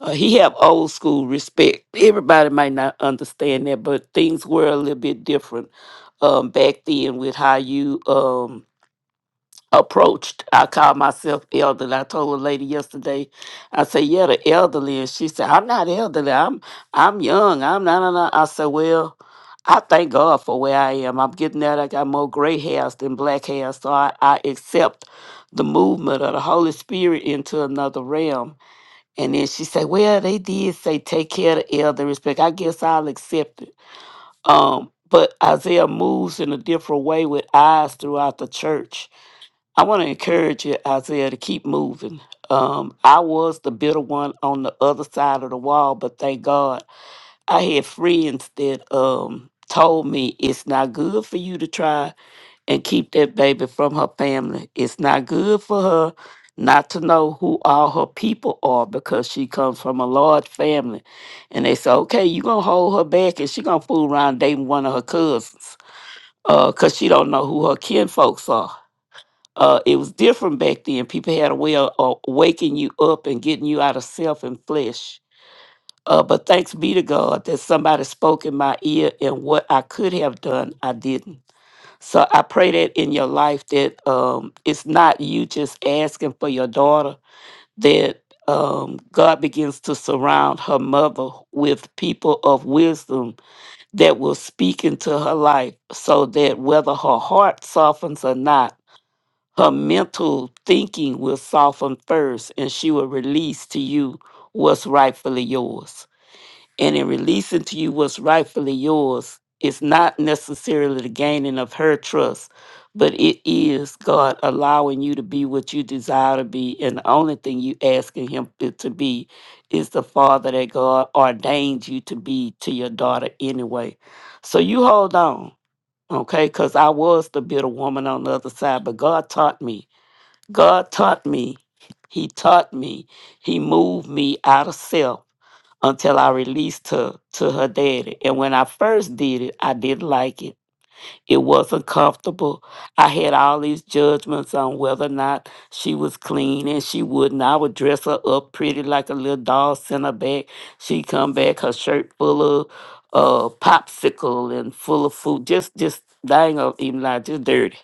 Uh, he have old school respect. Everybody might not understand that, but things were a little bit different um, back then with how you um, approached. I called myself elderly. I told a lady yesterday, I said, Yeah, the elderly. And she said, I'm not elderly. I'm I'm young. I'm not. not- not." I said, Well, I thank God for where I am. I'm getting that. I got more gray hairs than black hairs. So I, I accept the movement of the Holy Spirit into another realm. And then she said, Well, they did say take care of the elder respect. I guess I'll accept it. Um, but Isaiah moves in a different way with eyes throughout the church I want to encourage you, Isaiah, to keep moving. Um, I was the bitter one on the other side of the wall, but thank God I had friends that um, told me it's not good for you to try and keep that baby from her family. It's not good for her not to know who all her people are because she comes from a large family. And they said, okay, you going to hold her back and she going to fool around dating one of her cousins because she don't know who her kin folks are uh, it was different back then. People had a way of, of waking you up and getting you out of self and flesh. Uh, but thanks be to God that somebody spoke in my ear, and what I could have done, I didn't. So I pray that in your life that um, it's not you just asking for your daughter, that um, God begins to surround her mother with people of wisdom that will speak into her life so that whether her heart softens or not, her mental thinking will soften first and she will release to you what's rightfully yours. And in releasing to you what's rightfully yours, it's not necessarily the gaining of her trust, but it is God allowing you to be what you desire to be. And the only thing you asking him to to be is the father that God ordained you to be to your daughter anyway. So you hold on, okay? Because I was the bitter woman on the other side, but God taught me God taught me. He taught me. He moved me out of self until I released her to her daddy. And when I first did it, I didn't like it. It wasn't comfortable. I had all these judgments on whether or not she was clean and she wouldn't. I would dress her up pretty like a little doll, send her back. She come back, her shirt full of uh popsicle and full of food. Just just dang old even like just dirty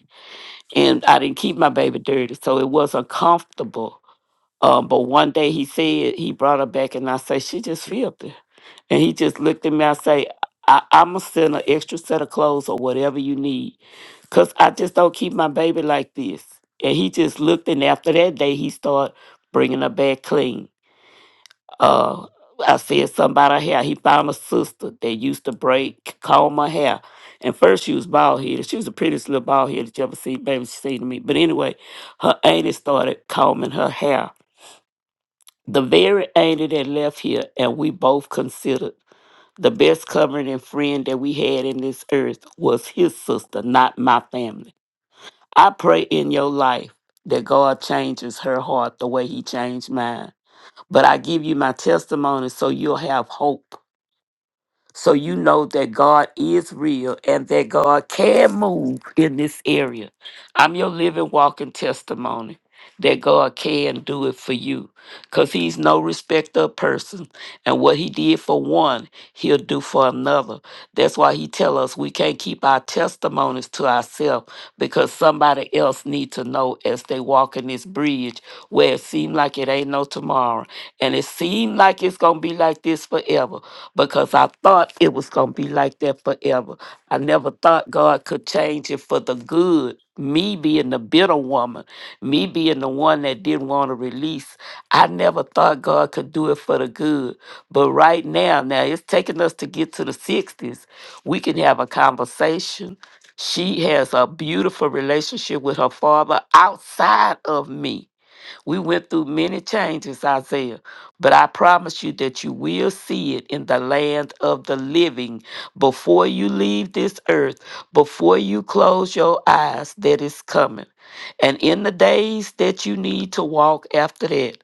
and I didn't keep my baby dirty, so it was uncomfortable. Um, but one day he said he brought her back, and I say she just filthy, and he just looked at me. I say I, I'm gonna send an extra set of clothes or whatever you need, cause I just don't keep my baby like this. And he just looked, and after that day, he started bringing her back clean. Uh, I said something about her hair. He found a sister that used to break comb her hair. And first she was bald headed. She was the prettiest little bald headed you ever seen, baby. She seen to me. But anyway, her auntie started combing her hair. The very auntie that left here, and we both considered the best covering and friend that we had in this earth was his sister, not my family. I pray in your life that God changes her heart the way he changed mine. But I give you my testimony so you'll have hope So you know that God is real and that God can move in this area. I'm your living, walking testimony that God can do it for you because He's no respecter of person. And what He did for one, He'll do for another. That's why He tell us we can't keep our testimonies to ourselves because somebody else need to know as they walk in this bridge where it seem like it ain't no tomorrow. And it seemed like it's going to be like this forever because I thought it was going to be like that forever. I never thought God could change it for the good. Me being the bitter woman, me being the one that didn't want to release, I never thought God could do it for the good. But right now, now it's taking us to get to the 60s. We can have a conversation. She has a beautiful relationship with her father outside of me we went through many changes, Isaiah, but I promise you that you will see it in the land of the living before you leave this earth, before you close your eyes, that is coming. And in the days that you need to walk after that,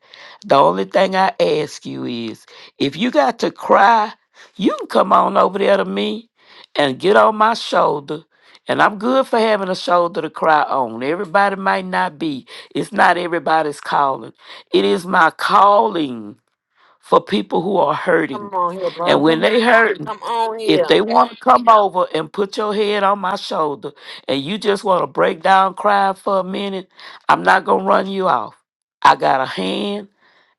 the only thing I ask you is if you got to cry, you can come on over there to me and get on my shoulder. And I'm good for having a shoulder to cry on. Everybody might not be, it's not everybody's calling. It is my calling for people who are
Come
hurting.
on here,
And when
mother.
they hurting,
Come on
if
here.
they want to come over and put your head on my shoulder and you just want to break down cry for a minute, I'm not going to run you off. I got a hand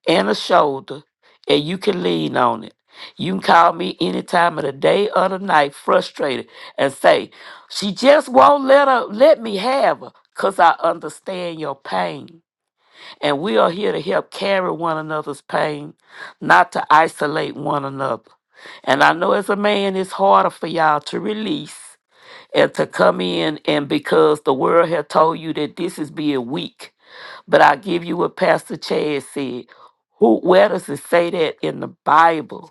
and a shoulder and you can lean on it. You can call me any time of the day or the night frustrated and say, "She just won't let her let me have her cuz I understand your pain." And we are here to help carry one another's pain, not to isolate one another. And I know as a man, it's harder for y'all to release and to come in, and because the world had told you that this is being weak. But I give you what Pastor Chad said. Who, where does it say that in the Bible?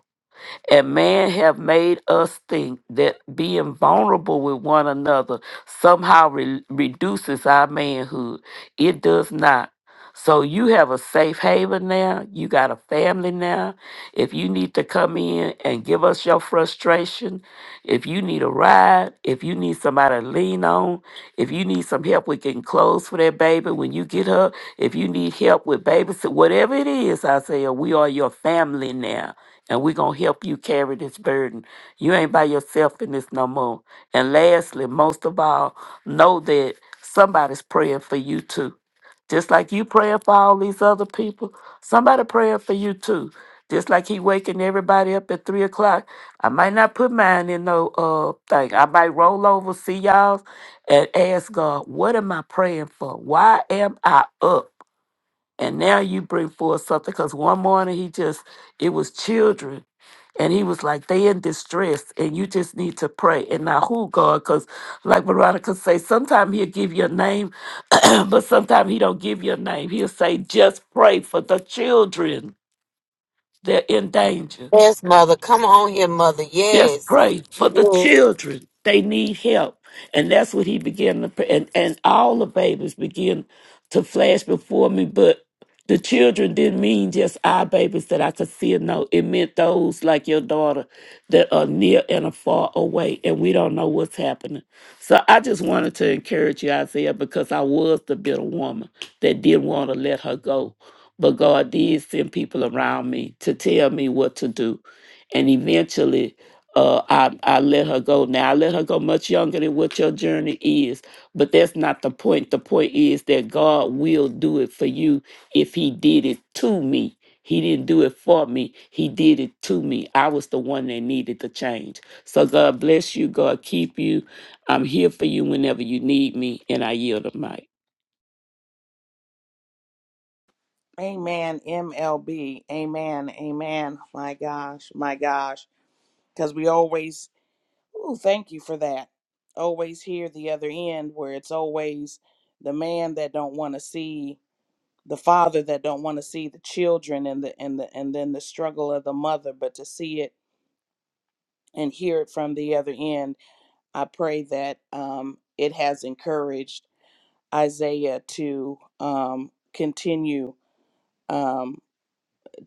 and man have made us think that being vulnerable with one another somehow re- reduces our manhood. It does not. So you have a safe haven now. You got a family now. If you need to come in and give us your frustration, if you need a ride, if you need somebody to lean on, if you need some help with getting clothes for that baby when you get her, if you need help with babysit, whatever it is, I say, we are your family now and we're going to help you carry this burden. You ain't by yourself in this no more. And lastly, most of all, know that somebody's praying for you too. Just like you praying for all these other people, somebody praying for you too. Just like he waking everybody up at three o'clock. I might not put mine in no uh thing. I might roll over, see y'all, and ask God, what am I praying for? Why am I up? and now you bring forth something because one morning he just it was children and he was like they in distress and you just need to pray and now who god because like veronica say sometimes he'll give you a name but sometimes he don't give you a name he'll say just pray for the children they're in danger
Yes, mother. Come on here, mother.
just
Yes.
pray for the
Yes.
children. They need help. And that's what he began to pray. And, and all the babies began to flash before me, but the children didn't mean just our babies that I could see and know. It meant those like your daughter that are near and are far away, and we don't know what's happening. So I just wanted to encourage you, Isaiah, because I was the bitter woman that didn't want to let her go. But God did send people around me to tell me what to do and eventually uh, I, I let her go. Now, I let her go much younger than what your journey is, but that's not the point. The point is that God will do it for you if He did it to me. He didn't do it for me, He did it to me. I was the one that needed the change. So, God bless you. God keep you. I'm here for you whenever you need me, and I yield the mic.
Amen. MLB. Amen. Amen. My gosh. My gosh. Because we always, ooh, thank you for that. Always hear the other end where it's always the man that don't want to see the father that don't want to see the children and the and the and then the struggle of the mother, but to see it and hear it from the other end. I pray that um, it has encouraged Isaiah to um, continue. um.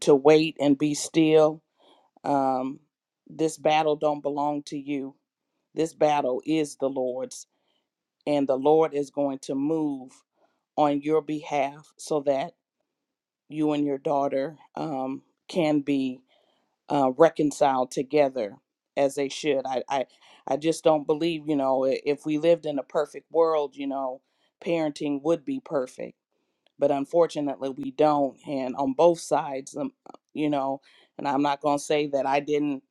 to wait and be still. Um, this battle don't belong to you. This battle is the Lord's, and the Lord is going to move on your behalf so that you and your daughter um, can be uh, reconciled together as they should. I, I, I just don't believe, you know, i- if we lived in a perfect world, you know, parenting would be perfect but unfortunately we don't and on both sides um, you know and i'm not going to say that i didn't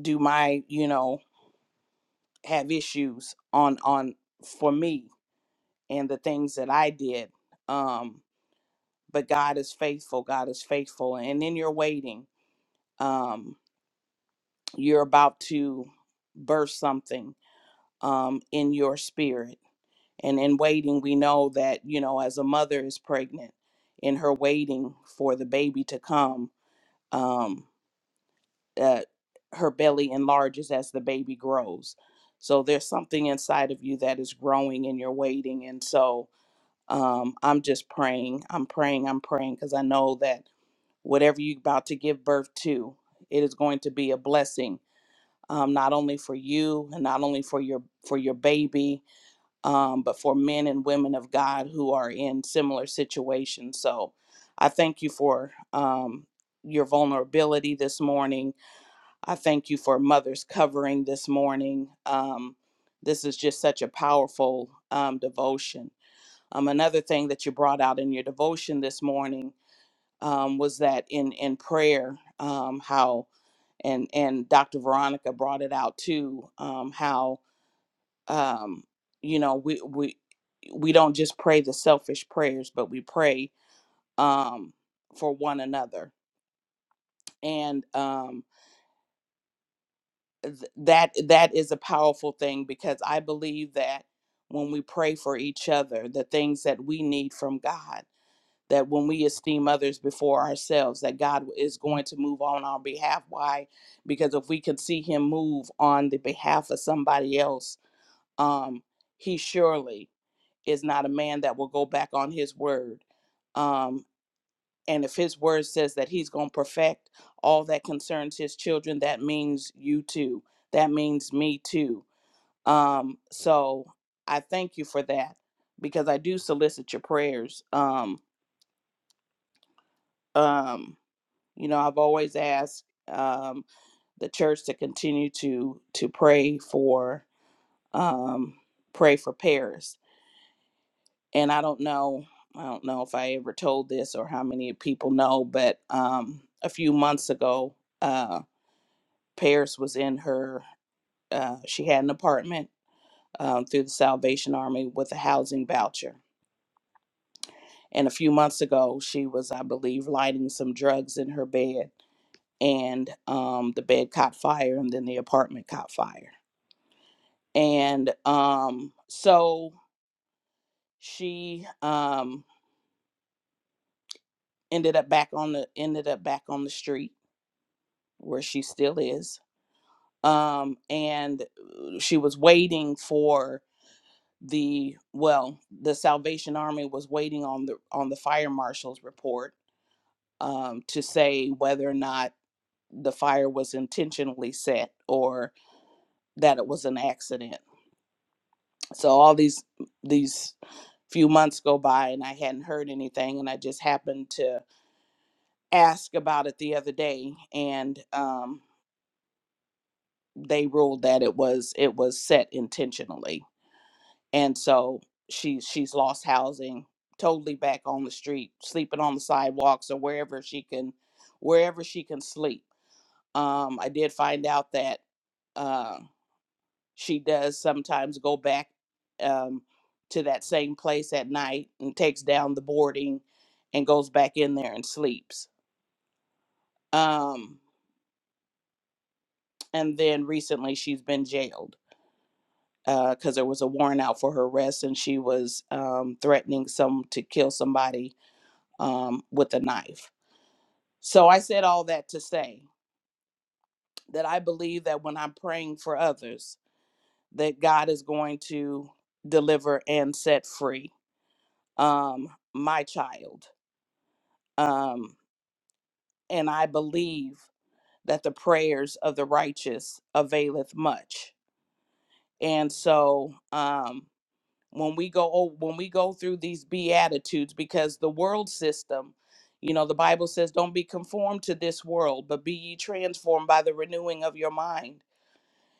do my you know have issues on on for me and the things that i did um but god is faithful god is faithful and in your waiting um you're about to burst something um in your spirit and in waiting we know that you know as a mother is pregnant in her waiting for the baby to come um uh, her belly enlarges as the baby grows. So there's something inside of you that is growing and you're waiting. And so um, I'm just praying. I'm praying. I'm praying because I know that whatever you're about to give birth to, it is going to be a blessing, um, not only for you and not only for your for your baby, um, but for men and women of God who are in similar situations. So I thank you for um, your vulnerability this morning I thank you for mother's covering this morning. Um, this is just such a powerful um, devotion. Um, another thing that you brought out in your devotion this morning um, was that in in prayer, um, how and and Dr. Veronica brought it out too, um, how um, you know we we we don't just pray the selfish prayers, but we pray um, for one another. And um, th- that that is a powerful thing because I believe that when we pray for each other, the things that we need from God, that when we esteem others before ourselves, that God is going to move on our behalf. Why? Because if we could see Him move on the behalf of somebody else, um, He surely is not a man that will go back on His word. Um, and if his word says that he's going to perfect all that concerns his children, that means you too. That means me too. Um, so I thank you for that because I do solicit your prayers. Um, um, you know, I've always asked um, the church to continue to to pray for um, pray for Paris. And I don't know, I don't know if I ever told this or how many people know, but um, a few months ago. uh. Paris was in her, uh, she had an apartment um, through the Salvation Army with a housing voucher. And a few months ago, she was, I believe, lighting some drugs in her bed, and um, the bed caught fire, and then the apartment caught fire. And um, so she um, ended up back on the ended up back on the street where she still is. Um, and uh, she was waiting for the well the salvation army was waiting on the on the fire marshal's report um, to say whether or not the fire was intentionally set or that it was an accident so all these these few months go by and i hadn't heard anything and i just happened to ask about it the other day and um, they ruled that it was it was set intentionally and so she she's lost housing totally back on the street sleeping on the sidewalks or wherever she can wherever she can sleep um i did find out that uh she does sometimes go back um to that same place at night and takes down the boarding and goes back in there and sleeps um and then recently she's been jailed because there was a warrant out for her arrest and she was um, threatening some to kill somebody um, with a knife. So I said all that to say that I believe that when I'm praying for others, that God is going to deliver and set free um, my child. Um, and I believe that the prayers of the righteous availeth much. And so, um, when we go o- when we go through these beatitudes because the world system you know the bible says don't be conformed to this world but be ye transformed by the renewing of your mind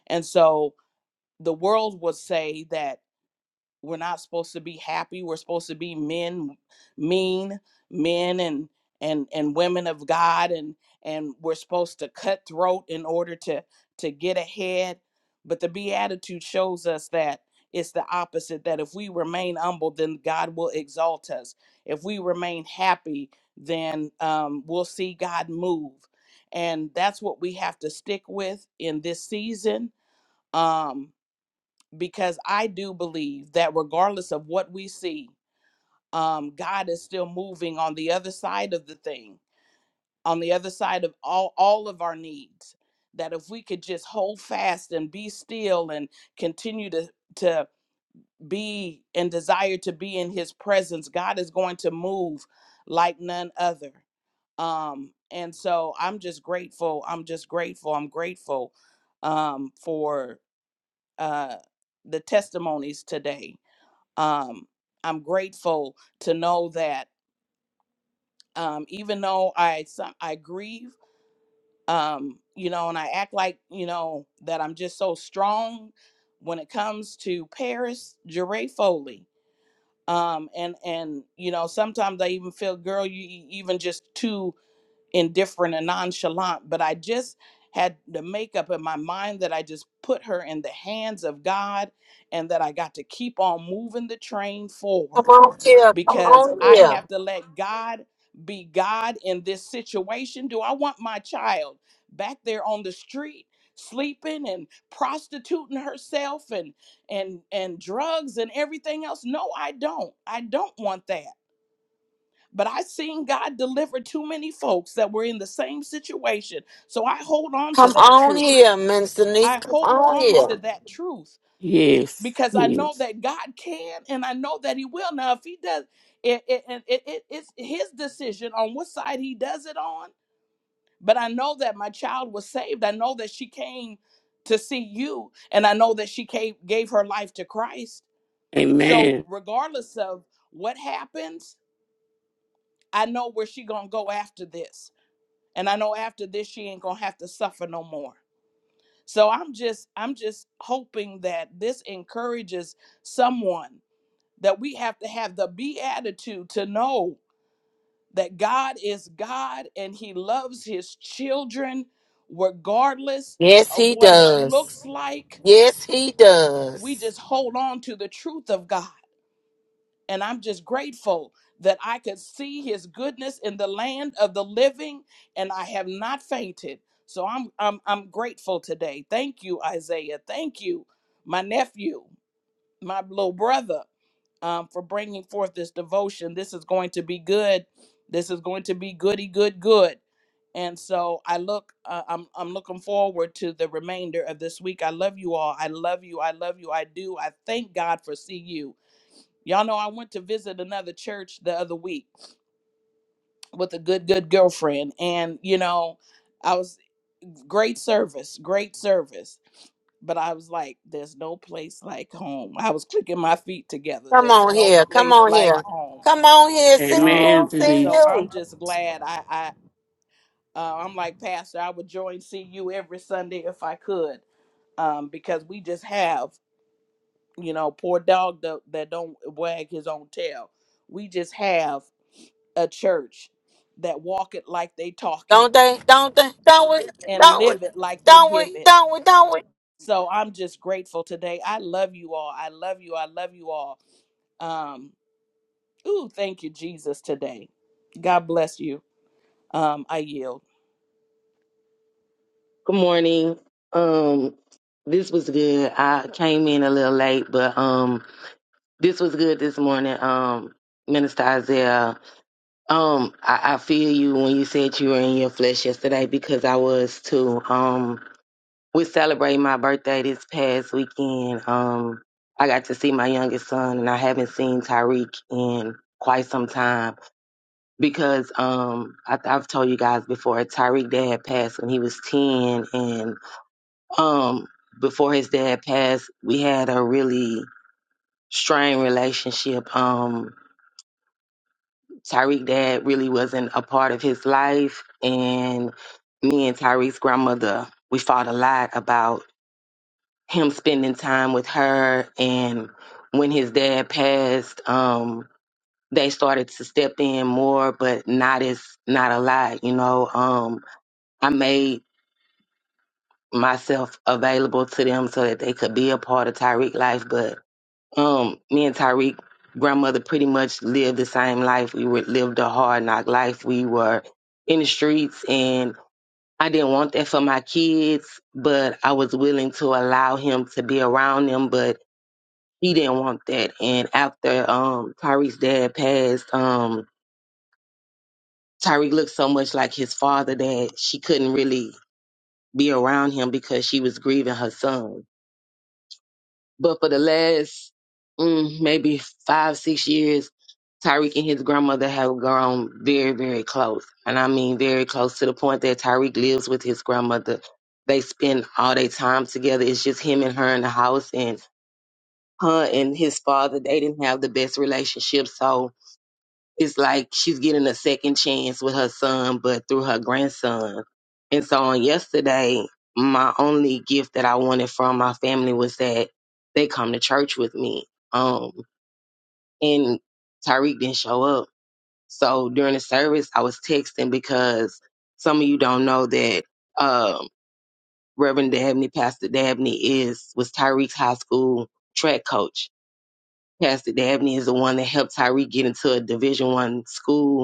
and so the world will say that we're not supposed to be happy we're supposed to be men mean men and and and women of god and and we're supposed to cut throat in order to to get ahead but the beatitude shows us that it's the opposite that if we remain humble then god will exalt us if we remain happy then um, we'll see god move and that's what we have to stick with in this season Um because I do believe that regardless of what we see, um, God is still moving on the other side of the thing, on the other side of all, all of our needs. That if we could just hold fast and be still and continue to, to be and desire to be in his presence, God is going to move like none other. Um, and so I'm just grateful. I'm just grateful. I'm grateful um, for uh, the testimonies today um, I'm grateful to know that um, even though I some, I grieve, um, you know, and I act like you know that I'm just so strong when it comes to Paris Jure Foley. Um, and and you know sometimes I even feel, girl, you e- even just too indifferent and nonchalant. But I just had the makeup in my mind that I just put her in the hands of God, and that I got to keep on moving the train forward
Come on here. Come
because
on
I
here.
have to let God be God in this situation? Do I want my child back there on the street sleeping and prostituting herself and and and drugs and everything else? No, I don't. I don't want that. But I seen God deliver too many folks that were in the same situation. So I hold on to
Come
that
on
truth.
here, Minister Denise.
I
Come
hold
on
on
here.
to that truth
Yes,
because I know
yes.
that God can and I know that He will. Now, if He does, it, it, it, it- it's His decision on what side He does it on. But I know that my child was saved. I know that she came to see you, and I know that she came, gave her life to Christ. So,
Amen.
regardless of what happens, I know where she gonna go after this, and I know after this she ain't gonna have to suffer no more. So I'm just I'm just hoping that this encourages someone that we have to have the beatitude to know that God is God and He loves His children regardless
Yes,
of
he
what it
does.
looks like.
Yes, he
We
does.
just hold on to the truth of God. And I'm just grateful that I could see His goodness in the land of the living and I have not fainted. So I'm, I'm, I'm grateful today. Thank you, Isaiah. Thank you, my nephew. my little brother um, for bringing forth this devotion. This is going to be good. This is going to be goody, good, good. And so I look, uh, I'm, I'm looking forward to the remainder of this week. I love you all. I love you. I love you. I do. I thank God for CU. Y'all know I went to visit another church the other week with a good, good girlfriend. And, you know, I was great service, great service but I was like, there's no place like home. I was clicking my feet together.
Come
There's
on
no
here. Come
place
on
like
here.
home.
Come on here. See
Um,
Amen,
you.
and
See
so
Denise.
I'm
you.
just glad I, I uh, I'm like Pastor. I would join CU every Sunday if I could, um, because we just have, you know, poor dog that, that don't wag his own tail. We just have a church that walk it like they talk it
Don't they? Don't they? Don't we?
and
Don't we?
live it like they
Don't
give
we?
it.
Don't we? Don't we?
So I'm just grateful today. I love you all. I love you. I love you all Um, ooh, thank you, Jesus, today. God bless you. Um, I yield.
Good morning. Um, this was good. I came in a little late, but um, this was good this morning. Um, Minister Isaiah, um, I, I feel you when you said you were in your flesh yesterday because I was too. Um, we celebrating my birthday this past weekend. Um, I got to see my youngest son, and I haven't seen Tyreek in quite some time because um, I, I've told you guys before Tyreek dad passed when he was ten, and um, before his dad passed, we had a really strained relationship. Um, Tyreek dad really wasn't a part of his life, and me and Tyreek's grandmother, we fought a lot about him spending time with her. And when his dad passed, um, they started to step in more, but not as not a lot, you know. Um, I made myself available to them so that they could be a part of Tyreek's life, but um, me and Tyreek grandmother pretty much lived the same life. We were lived a hard knock life. We were in the streets and I didn't want that for my kids, but I was willing to allow him to be around them, but he didn't want that. And after um Tyreek's dad passed, um Tyreek looked so much like his father that she couldn't really be around him because she was grieving her son But for the last mm, maybe five, six years, Tyreek and his grandmother have grown very, very close. And I mean very close to the point that Tyreek lives with his grandmother. They spend all their time together. It's just him and her in the house and her and his father, they didn't have the best relationship. So it's like she's getting a second chance with her son, but through her grandson. And so on yesterday, my only gift that I wanted from my family was that they come to church with me. Um, and Tyreek didn't show up. So during the service, I was texting because some of you don't know that um, Reverend Dabney, Pastor Dabney, is was Tyreek's high school track coach. Pastor Dabney is the one that helped Tyreek get into a Division One school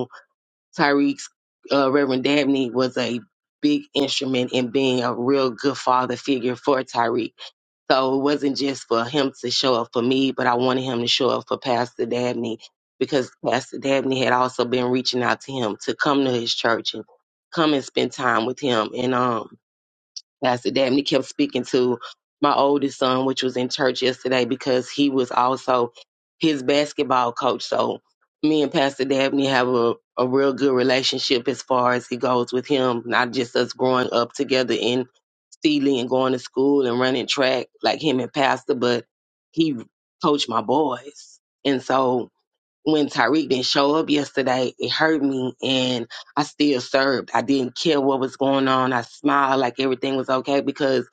Tyreek's uh, Reverend Dabney was a big instrument in being a real good father figure for Tyreek. So it wasn't just for him to show up for me, but I wanted him to show up for Pastor Dabney because Pastor Dabney had also been reaching out to him to come to his church and come and spend time with him. And um Pastor Dabney kept speaking to my oldest son, which was in church yesterday, because he was also his basketball coach. So me and Pastor Dabney have a, a real good relationship as far as he goes with him, not just us growing up together in Sealy and going to school and running track like him and Pastor, but he coached my boys. And so when Tyreek didn't show up yesterday, it hurt me and I still served. I didn't care what was going on. I smiled like everything was okay because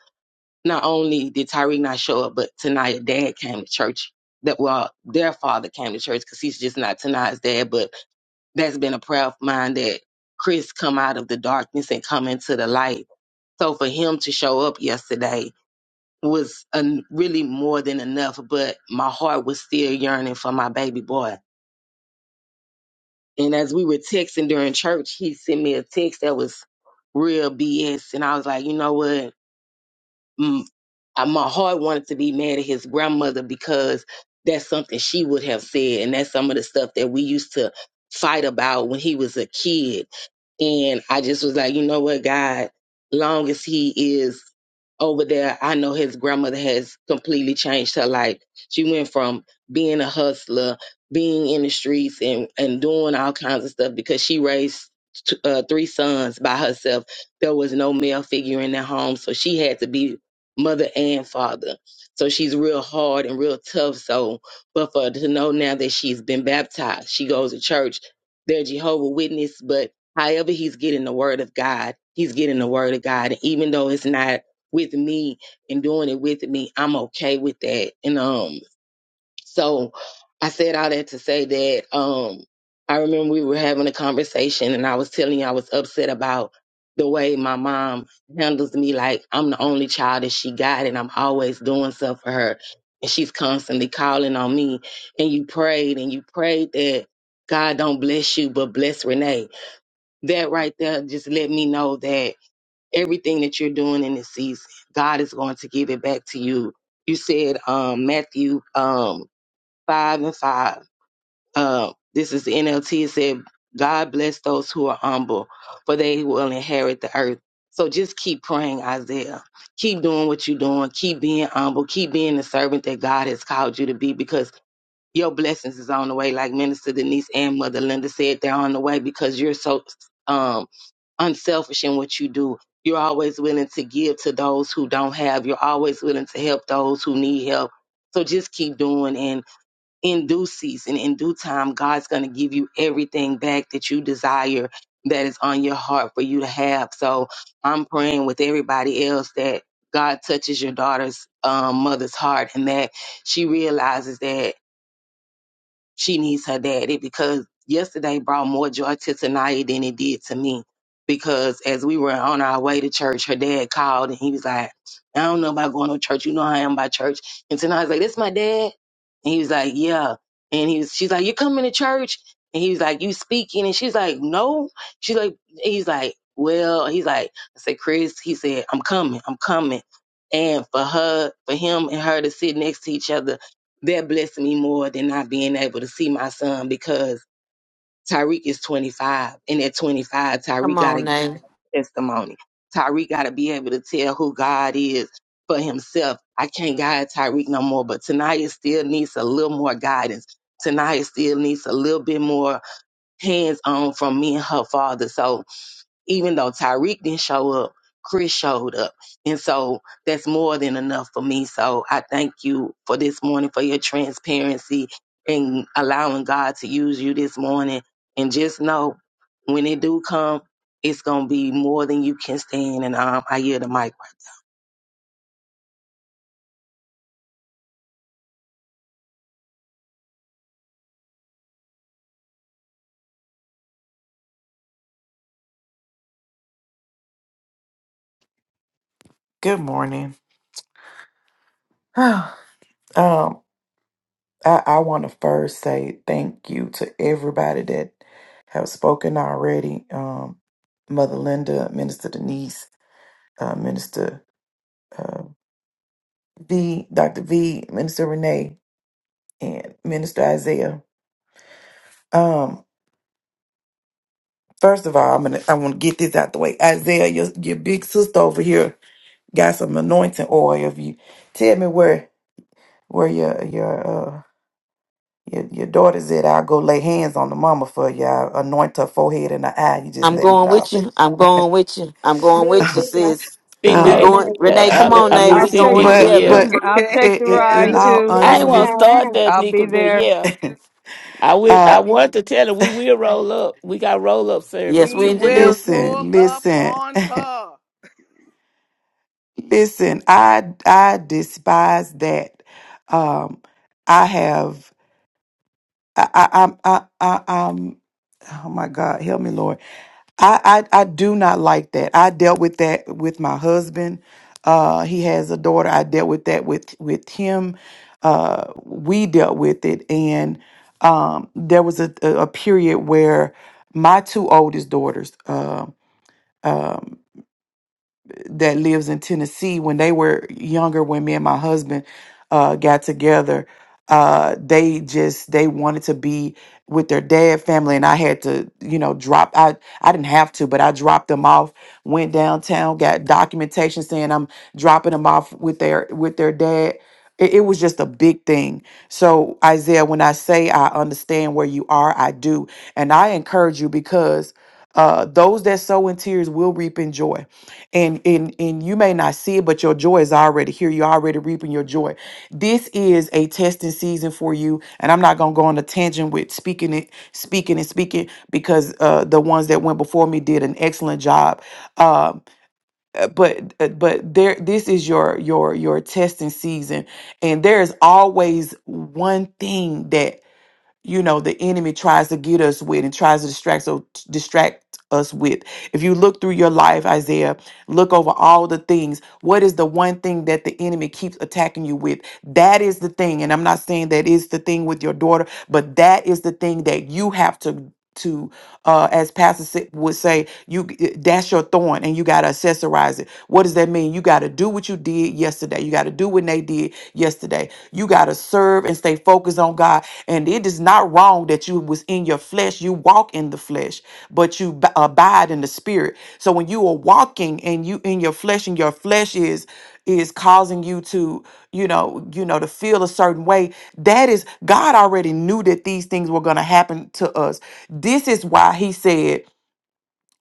not only did Tyreek not show up, but Tania's dad came to church. That well, their father came to church because he's just not Tania's dad. But that's been a prayer of mine that Chris come out of the darkness and come into the light. So for him to show up yesterday was a, really more than enough. But my heart was still yearning for my baby boy And as we were texting during church, he sent me a text that was real BS. And I was like, you know what? Mm, I- My heart wanted to be mad at his grandmother because that's something she would have said. And that's some of the stuff that we used to fight about when he was a kid. And I just was like, you know what, God, long as he is over there, I know his grandmother has completely changed her life. She went from being a hustler, being in the streets, and and doing all kinds of stuff because she raised t- uh, three sons by herself. There was no male figure in their home, so she had to be mother and father. So she's real hard and real tough. So, but for her to know now that she's been baptized, she goes to church. They're Jehovah Witness, but however he's getting the word of God, he's getting the word of God, even though it's not with me and doing it with me, I'm okay with that. And um, so I said all that to say that um, I remember we were having a conversation and I was telling you I was upset about the way my mom handles me. Like I'm the only child that she got and I'm always doing stuff for her. And she's constantly calling on me. And you prayed and you prayed that God don't bless you, but bless Renee. That right there just let me know that everything that you're doing in this season. God is going to give it back to you. You said um, Matthew um, 5 and 5. Uh, this is the NLT. It said, God bless those who are humble, for they will inherit the earth. So just keep praying, Isaiah. Keep doing what you're doing. Keep being humble. Keep being the servant that God has called you to be because your blessings is on the way. Like Minister Denise and Mother Linda said, they're on the way because you're so um, unselfish in what you do. You're always willing to give to those who don't have. You're always willing to help those who need help. So just keep doing. And in due season, in due time, God's going to give you everything back that you desire that is on your heart for you to have. So I'm praying with everybody else that God touches your daughter's um, mother's heart and that she realizes that she needs her daddy because yesterday brought more joy to Tanaya than it did to me. Because as we were on our way to church, her dad called and he was like, I don't know about going to church. You know how I am by church. And Tanaya's like, This my dad? And he was like, Yeah. And he was she's like, You coming to church? And he was like, You speaking? And she's like, No. She's like he's like, Well, he's like, I said, Chris, he said, I'm coming, I'm coming. And for her, for him and her to sit next to each other that blessed me more than not being able to see my son because Tyreek is 25. And at 25,
Come
Tyreek got
on,
a
now.
testimony. Tyreek got to be able to tell who God is for himself. I can't guide Tyreek no more, but Tanaya still needs a little more guidance. Tanaya still needs a little bit more hands on from me and her father. So even though Tyreek didn't show up, Chris showed up. And so that's more than enough for me. So I thank you for this morning, for your transparency and allowing God to use you this morning. And just know when it do come, it's going to be more than you can stand. And um, I hear the mic.
Good morning. um, I, I want to first say thank you to everybody that have spoken already. Um, Mother Linda, Minister Denise, uh, Minister uh, V, Dr. V, Minister Renee, and Minister Isaiah. Um, first of all, I'm gonna I want to get this out the way. Isaiah, your your big sister over here. got some anointing oil. If you tell me where where your your uh your, your daughter's at, I'll go lay hands on the mama for you. I'll anoint her forehead and her eye. You just
I'm
let me
going
know.
with you. I'm going with you. I'm going
Look,
with you,
bitch, I
sis.
just
We
uh,
heard
Vinay,
going,
that.
Renee. Come
uh,
Listen,
on,
I, I
Nay.
mean,
right?
I'll
We
see,
take
going
the
I-
Mika,
but
together.
yeah.
Listen,
ri-
but
I'll take the
it, i in
ride
Yeah.
all
too.
I ain't want
honesty,
to start
right? I-
that,
I'll
Nika,
be
but
there.
yeah, I will.
uh,
I want to tell her we will roll up. We got roll up
Yes,
service
we
we
too.
will
do.
pull
listen,
up
listen,
on her.
listen. I I despise that. Um, I have I I I'm- I I I'm. Oh my God, help me, Lord. I, I I do not like that. I dealt with that with my husband. Uh, he has a daughter. I dealt with that with with him. Uh, we dealt with it, and um, there was a, a a period where my two oldest daughters. uh, um, that lives in Tennessee, when they were younger, when me and my husband uh, got together, uh, they just they wanted to be with their dad family, and I had to, you know, drop. I I didn't have to, but I dropped them off. Went downtown, got documentation saying I'm dropping them off with their with their dad. It, it was just a big thing. So Isaiah, when I say I understand where you are, I do, and I encourage you because uh, those that sow in tears will reap in joy and and and you may not see it but your joy is already here you're already reaping your joy this is a testing season for you and i'm not going to go on a tangent with speaking it speaking and speaking because uh the ones that went before me did an excellent job um uh, but uh, but there this is your your your testing season and there is always one thing that you know the enemy tries to get us with and tries to distract so distract us with if you look through your life isaiah look over all the things what is the one thing that the enemy keeps attacking you with that is the thing and i'm not saying that is the thing with your daughter but that is the thing that you have to to uh as pastor Sid would say you that's your thorn and you got to accessorize it what does that mean? You got to do what you did yesterday. You got to do what they did yesterday. You got to serve and stay focused on God. And it is not wrong that you was in your flesh. You walk in the flesh, but you b- abide in the spirit. So when you are walking and you in your flesh and your flesh is is causing you to you know you know to feel a certain way that is god already knew that these things were going to happen to us this is why he said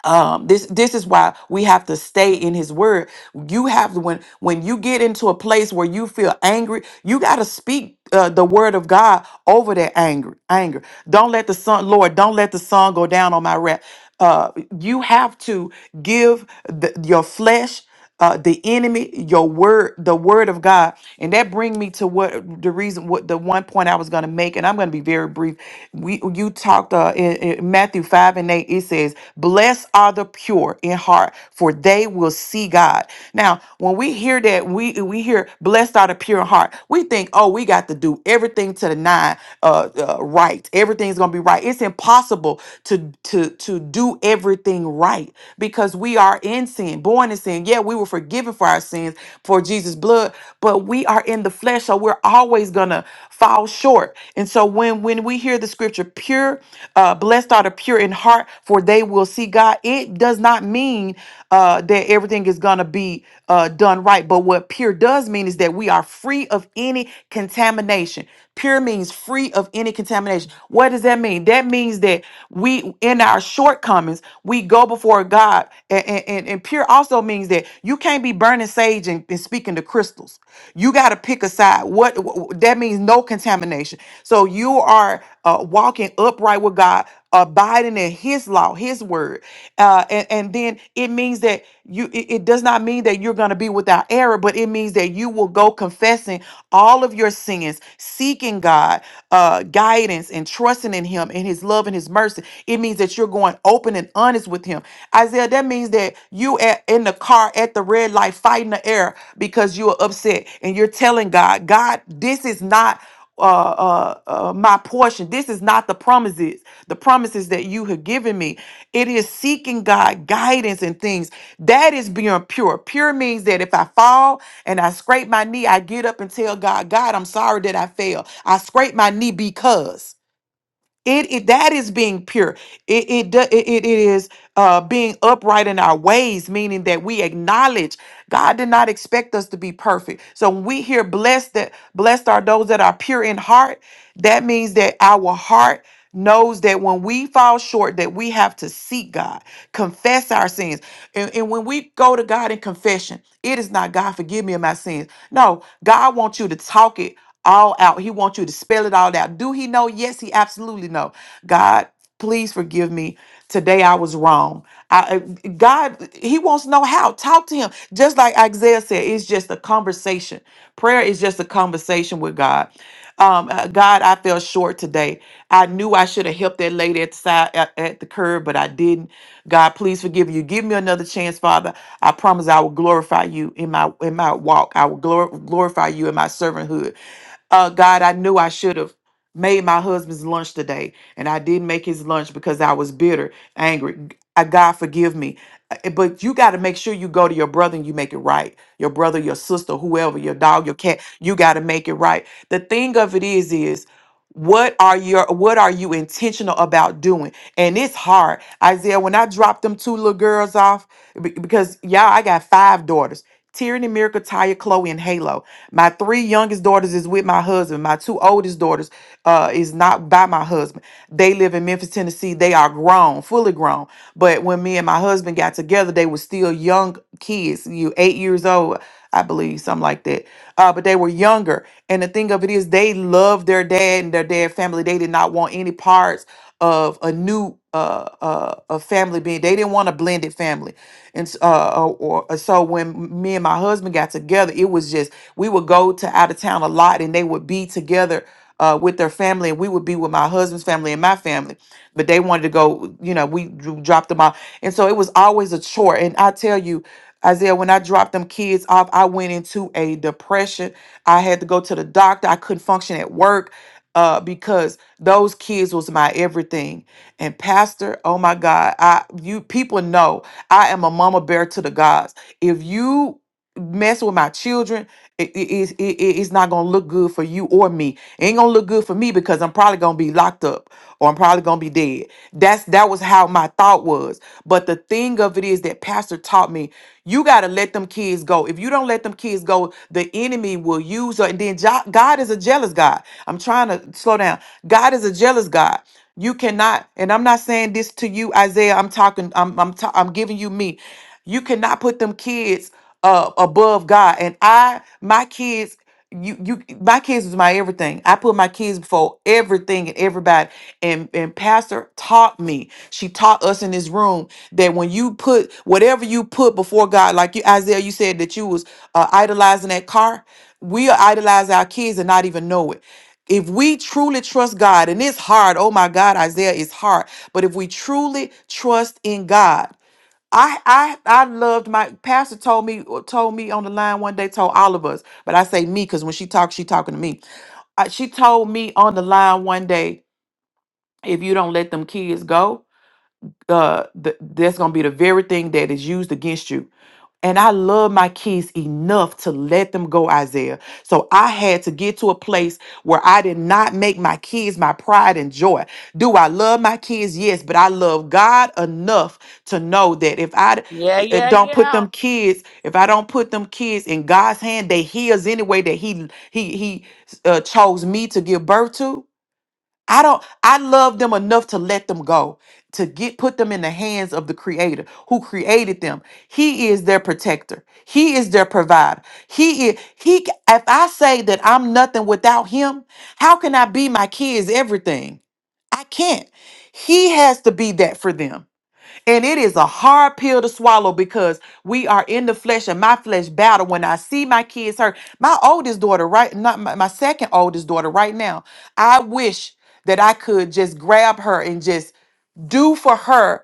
um this this is why we have to stay in his word you have to- when when you get into a place where you feel angry you got to speak uh, the word of god over that anger anger don't let the sun lord don't let the sun go down on my wrath uh you have to give the, your flesh uh, the enemy, your word, the word of God. And that bring me to what the reason, what the one point I was going to make, and I'm going to be very brief. We, you talked uh, in, in Matthew 5 and 8, it says, Blessed are the pure in heart, for they will see God. Now, when we hear that, we, we hear, Blessed are the pure in heart, we think, oh, we got to do everything to the nine uh, uh, right. Everything's going to be right. It's impossible to, to, to do everything right because we we are in sin, born in sin. Yeah, we were forgiven for our sins for Jesus' blood, but we are in the flesh, so we're always gonna fall short. And so when when we hear the scripture, pure, uh, blessed are the pure in heart, for they will see God. It does not mean uh, that everything is gonna be uh, done right, but what pure does mean is that we are free of any contamination. Pure means free of any contamination. What does that mean? That means that we, in our shortcomings commons, we go before God. And, and, and, and pure also means that you can't be burning sage and, and speaking to crystals. You got to pick a side. What wh- wh- that means, no contamination. So you are uh, walking upright with God, abiding in His law, His word, uh, and, and then it means that you. It, it does not mean that you're going to be without error, but it means that you will go confessing all of your sins, seeking God, uh, guidance, and trusting in Him and His love and His his mercy. It means that you're going open and honest with him. Isaiah, that means that you at, in the car at the red light fighting the air because you are upset and you're telling God, God, this is not uh, uh, uh, my portion. This is not the promises, the promises that you have given me. It is seeking God guidance and things. That is being pure. Pure means that if I fall and I scrape my knee, I get up and tell God, God, I'm sorry that I fell. I scraped my knee because. It, it that is being pure. It it do- it, it it is uh, being upright in our ways, meaning that we acknowledge God did not expect us to be perfect. So when we hear blessed that blessed are those that are pure in heart, that means that our heart knows that when we fall short, that we have to seek God, confess our sins, and, and when we go to God in confession, it is not God forgive me of my sins. No, God wants you to talk it all out. He wants you to spell it all out. Do he know? Yes, he absolutely know. God, please forgive me. Today I was wrong. I, I- God, he wants to know how. Talk to him. Just like Isaiah said, it's just a conversation. Prayer is just a conversation with God. Um, uh, God, I fell short today. I knew I should have helped that lady at the side at, at the curb, but I didn't. God, please forgive you. Give me another chance, Father. I promise I will glorify you in my in my walk. I will glor- glorify you in my servanthood. Uh, God, I knew I should have made my husband's lunch today, and I didn't make his lunch because I was bitter, angry. G- uh, God, forgive me. Uh, eh, But you got to make sure you go to your brother and you make it right. Your brother, your sister, whoever, your dog, your cat, you got to make it right. The thing of it is, is what are your what are you intentional about doing and it's hard isaiah when i dropped them two little girls off be- because y'all i got five daughters tyranny miracle taya chloe and halo my three youngest daughters is with my husband. My two oldest daughters uh, is not by my husband. They live in Memphis, Tennessee. They are grown, fully grown. But when me and my husband got together, they were still young kids. You eight years old, I believe, something like that. Uh, but they were younger. And the thing of it is, they loved their dad and their dad family. They did not want any parts of a new uh, uh, a family being they didn't want a blended family and s- uh, uh, or, uh, so when me and my husband got together it was just we would go to out of town a lot and they would be together uh, with their family and we would be with my husband's family and my family but they wanted to go you know we dro- dropped them off and so it was always a chore and i tell you Isaiah, when I dropped them kids off, I went into a depression. I had to go to the doctor. I couldn't function at work uh, because those kids was my everything and pastor, oh my God, I you people know I am a mama bear to the gods. If you messing with my children, it, it, it's- it, it- it's not gonna look good for you or me. It ain't gonna look good for me because I'm probably gonna be locked up or I'm probably gonna be dead. That's that was how my thought was. But the thing of it is that pastor taught me you gotta let them kids go. If you don't let them kids go, the enemy will use her. And then Jo- God is a jealous God. I'm trying to slow down. God is a jealous God. You cannot, and I'm not saying this to you, Isaiah. I'm talking. I'm I'm ta- I'm giving you me. You cannot put them kids uh, above God. And I, my kids, you, you, my kids was my everything. I put my kids before everything and everybody. And and Pastor taught me. She taught us in this room that when you put whatever you put before God, like you, Isaiah, you said that you was uh, idolizing that car. We idolize our kids and not even know it. If we truly trust God, and it's hard, oh my God, Isaiah, it's hard. But if we truly trust in God, I I I loved my pastor told me uh, told me on the line one day told all of us but I say me because when she talks she talking to me. Uh, she told me on the line one day if you don't let them kids go uh, th- that's going to be the very thing that is used against you. And I love my kids enough to let them go, Isaiah. So I had to get to a place where I did not make my kids my pride and joy. Do I love my kids? Yes, but I love God enough to know that if I
Yeah,
d- eh,
yeah,
don't put
yeah.
them kids, if I don't put them kids in God's hand, they His anyway that He He He uh, chose me to give birth to. I don't I love them enough to let them go, to get put them in the hands of the creator who created them. He is their protector. He is their provider. He is he if I say that I'm nothing without him, how can I be my kids everything? I can't. He has to be that for them. And it is a hard pill to swallow because we are in the flesh and my flesh battle. When I see my kids hurt, my oldest daughter, right? Not my, my second oldest daughter, right now. I wish that I could just grab her and just do for her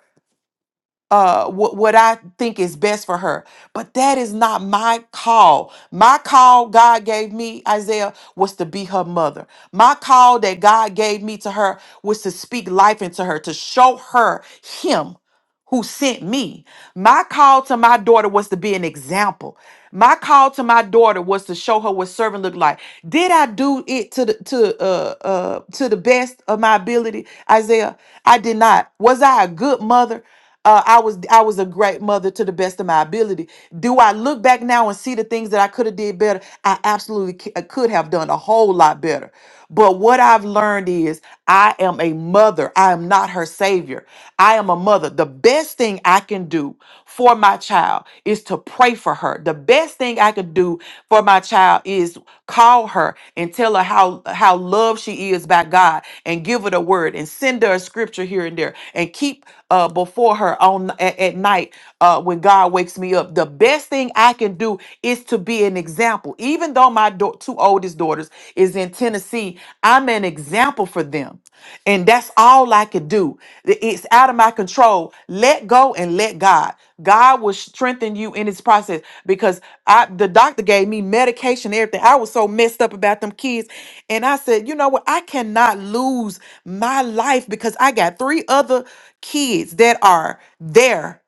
uh what, what I think is best for her. But that is not my call. My call God gave me, Isaiah, was to be her mother. My call that God gave me to her was to speak life into her, to show her him who sent me. My call to my daughter was to be an example. My call to my daughter was to show her what servant looked like. Did I do it to the to uh uh to the best of my ability, Isaiah? I did not. Was I a good mother? Uh, I was I was a great mother to the best of my ability. Do I look back now and see the things that I could have did better? I absolutely c- could have done a whole lot better. But what I've learned learned is I am a mother. I am not her savior. I am a mother. The best thing I can do for my child is to pray for her. The best thing I could do for my child is call her and tell her how how loved she is by God and give her the word and send her a scripture here and there and keep uh before her on at, at night uh, when God wakes me up. The best thing I can do is to be an example. Even though my dau- two oldest daughters is in Tennessee, I'm an example for them. And that's all I could do. Th- It's out of my control. Let go and let God. God will strengthen you in this process because I the doctor gave me medication, everything. I was so messed up about them kids. And I said, you know what? I cannot lose my life because I got three other kids that are there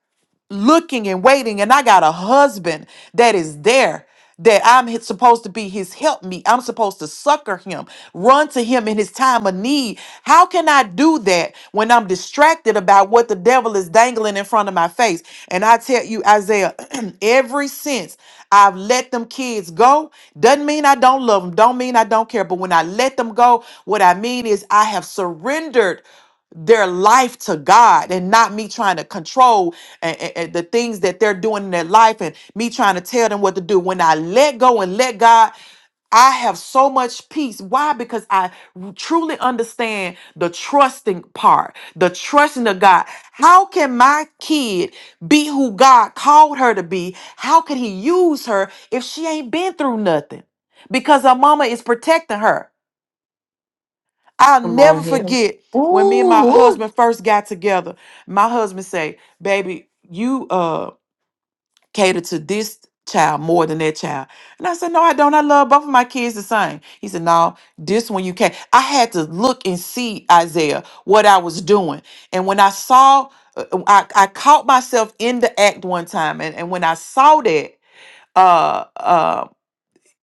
looking and waiting and i got a husband that is there that i'm hi- supposed to be his helpmeet. i'm supposed to succor him run to him in his time of need how can i do that when i'm distracted about what the devil is dangling in front of my face and i tell you isaiah every since i've let them kids go doesn't mean i don't love them don't mean i don't care but when i let them go what i mean is i have surrendered their life to God and not me trying to control and, the things that they're doing in their life and me trying to tell them what to do. When I let go and let God, I have so much peace. Why? Because I truly understand the trusting part, the trusting of God. How can my kid be who God called her to be? How could he use her if she ain't been through nothing? Because her mama is protecting her. I'll
Come on
never
here.
forget when me and my
Ooh, ooh.
husband first got together. My husband say, "Baby, you uh cater to this child more than that child." And I said, "No, I don't. I love both of my kids the same." He said, "No, this one you can't." I had to look and see Isaiah what I was doing, and when I saw, uh, I, I caught myself in the act one time, and, and when I saw that. uh uh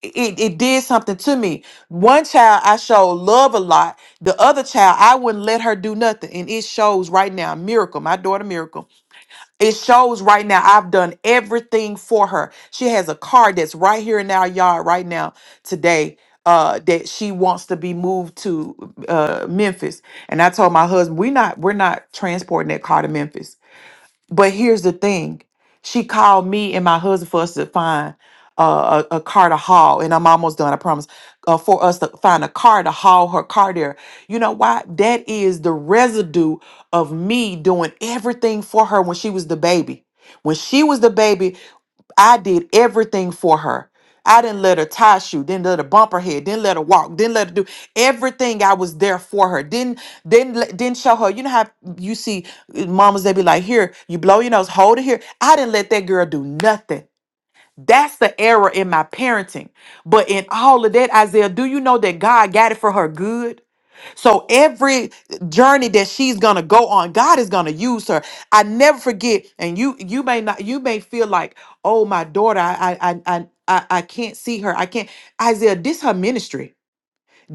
it, it did something to me. One child I showed love a lot. The other child I wouldn't let her do nothing. And it shows right now, miracle, my daughter miracle. It shows right now I've done everything for her. She has a car that's right here in our yard right now today. Uh, that she wants to be moved to uh, Memphis, and I told my husband we're not we're not transporting that car to Memphis but here's the thing. She called me and my husband for us to find uh, a, a car to haul, and I'm almost done, I promise. Uh, for us to find a car to haul her car there. You know why? That is the residue of me doing everything for her when she was the baby. When she was the baby, I did everything for her. I didn't let her tie shoe, didn't let her bump her head, didn't let her walk, didn't let her do everything. I was there for her. Didn't didn't let- didn't show her. You know how you see uh, mamas they be like, here, you blow your nose, hold it here. I didn't let that girl do nothing. That's the error in my parenting. But in all of that, Isaiah, do you know that God got it for her good? So every journey that she's gonna go on, God is gonna use her. I never forget, and you you may not you may feel like, oh my daughter, I I I I I I can't see her. I can't. Isaiah, this her ministry.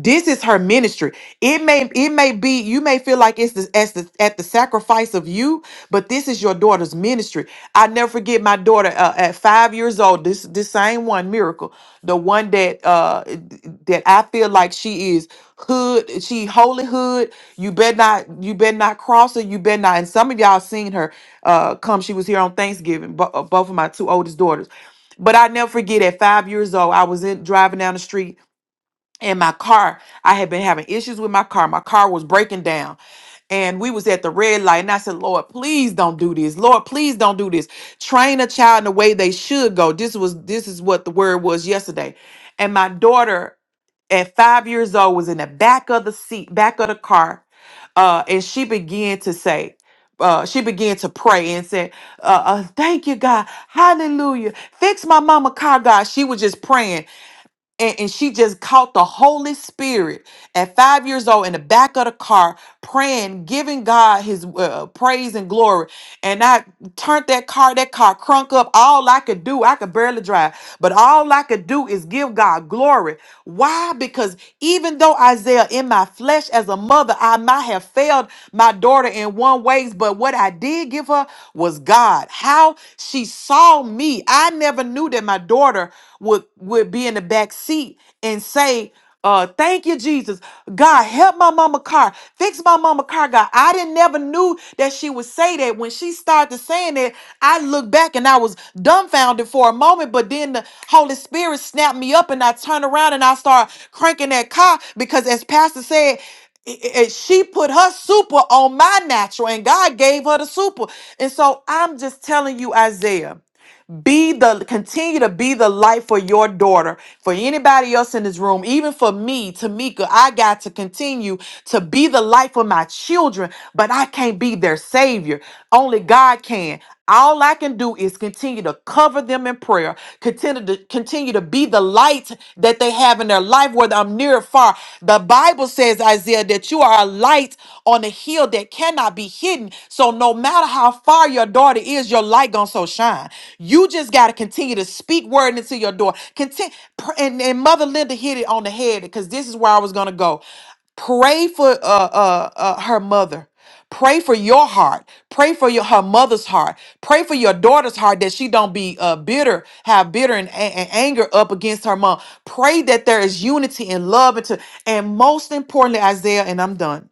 This is her ministry. It may it may be you may feel like it's the, as the, at the sacrifice of you, but this is your daughter's ministry. I never forget my daughter uh, at five years old. This this same one miracle, the one that uh that I feel like she is hood. She holy hood. You better not you better not cross her. You better not. And some of y'all seen her uh come. She was here on Thanksgiving. Bo- uh, both of my two oldest daughters. But I never forget at five years old, I was in driving down the street and my car i had been having issues with my car my car was breaking down and we was at the red light and i said lord please don't do this lord please don't do this train a child in the way they should go this was this is what the word was yesterday and my daughter at five years old was in the back of the seat back of the car uh, and she began to say uh, she began to pray and said, uh, uh, "Thank you, God, Hallelujah! Fix my mama car, God." She was just praying, and, and she just caught the Holy Spirit at five years old in the back of the car, praying, giving God His uh, uh, praise and glory. And I turned that car, that car crunk up. All I could do, I could barely drive, but all I could do is give God glory. Why? Because even though Isaiah, in my flesh as a mother, I might have failed my daughter in one ways, but what I did give her was God. How she saw me, I never knew that my daughter daughter would would be in the back seat and say uh thank you jesus god help my mama car fix my mama car god i didn't never knew that she would say that when she started saying that i looked back and i was dumbfounded for a moment but then the holy spirit snapped me up and i turned around and i started cranking that car because as pastor said i- i- i- she put her super on my natural and god gave her the super and so i'm just telling you isaiah be the continue to be the light for your daughter for anybody else in this room even for me tamika i got to continue to be the light for my children but i can't be their savior only god can all I can do is continue to cover them in prayer, continue to continue to be the light that they have in their life, whether I'm near or far. The Bible says, Isaiah, that you are a light on a hill that cannot be hidden. So no matter matter how far your daughter is, your light gonna so shine. You just gotta continue to speak word into your door. Continue, and, and Mother Linda hit it on the head because this is where I was gonna go pray for uh, uh, uh, her mother. Pray for your heart. Pray for your her mother's heart. Pray for your daughter's heart that she don't be uh, bitter, have bitter and, and anger up against her mom. Pray that there is unity and love, and, to, and most importantly, Isaiah. And I'm done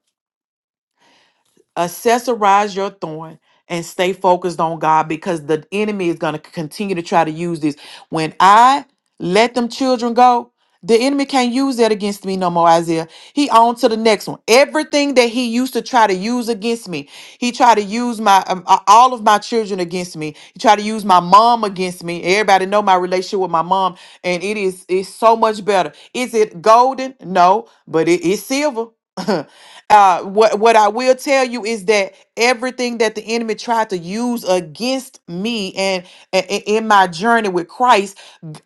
accessorize your thorn and stay focused on God because the enemy is going to continue to try to use this. When I let them children go, the enemy can't use that against me no more, Isaiah. He on to the next one. Everything that he used to try to use against me, he tried to use my um, a- all of my children against me. He tried to use my mom against me. Everybody know my relationship with my mom, and it is it's so much better. Is it golden? No, but it is silver. Uh, what what I will tell you is that everything that the enemy tried to use against me and, and and in my journey with Christ,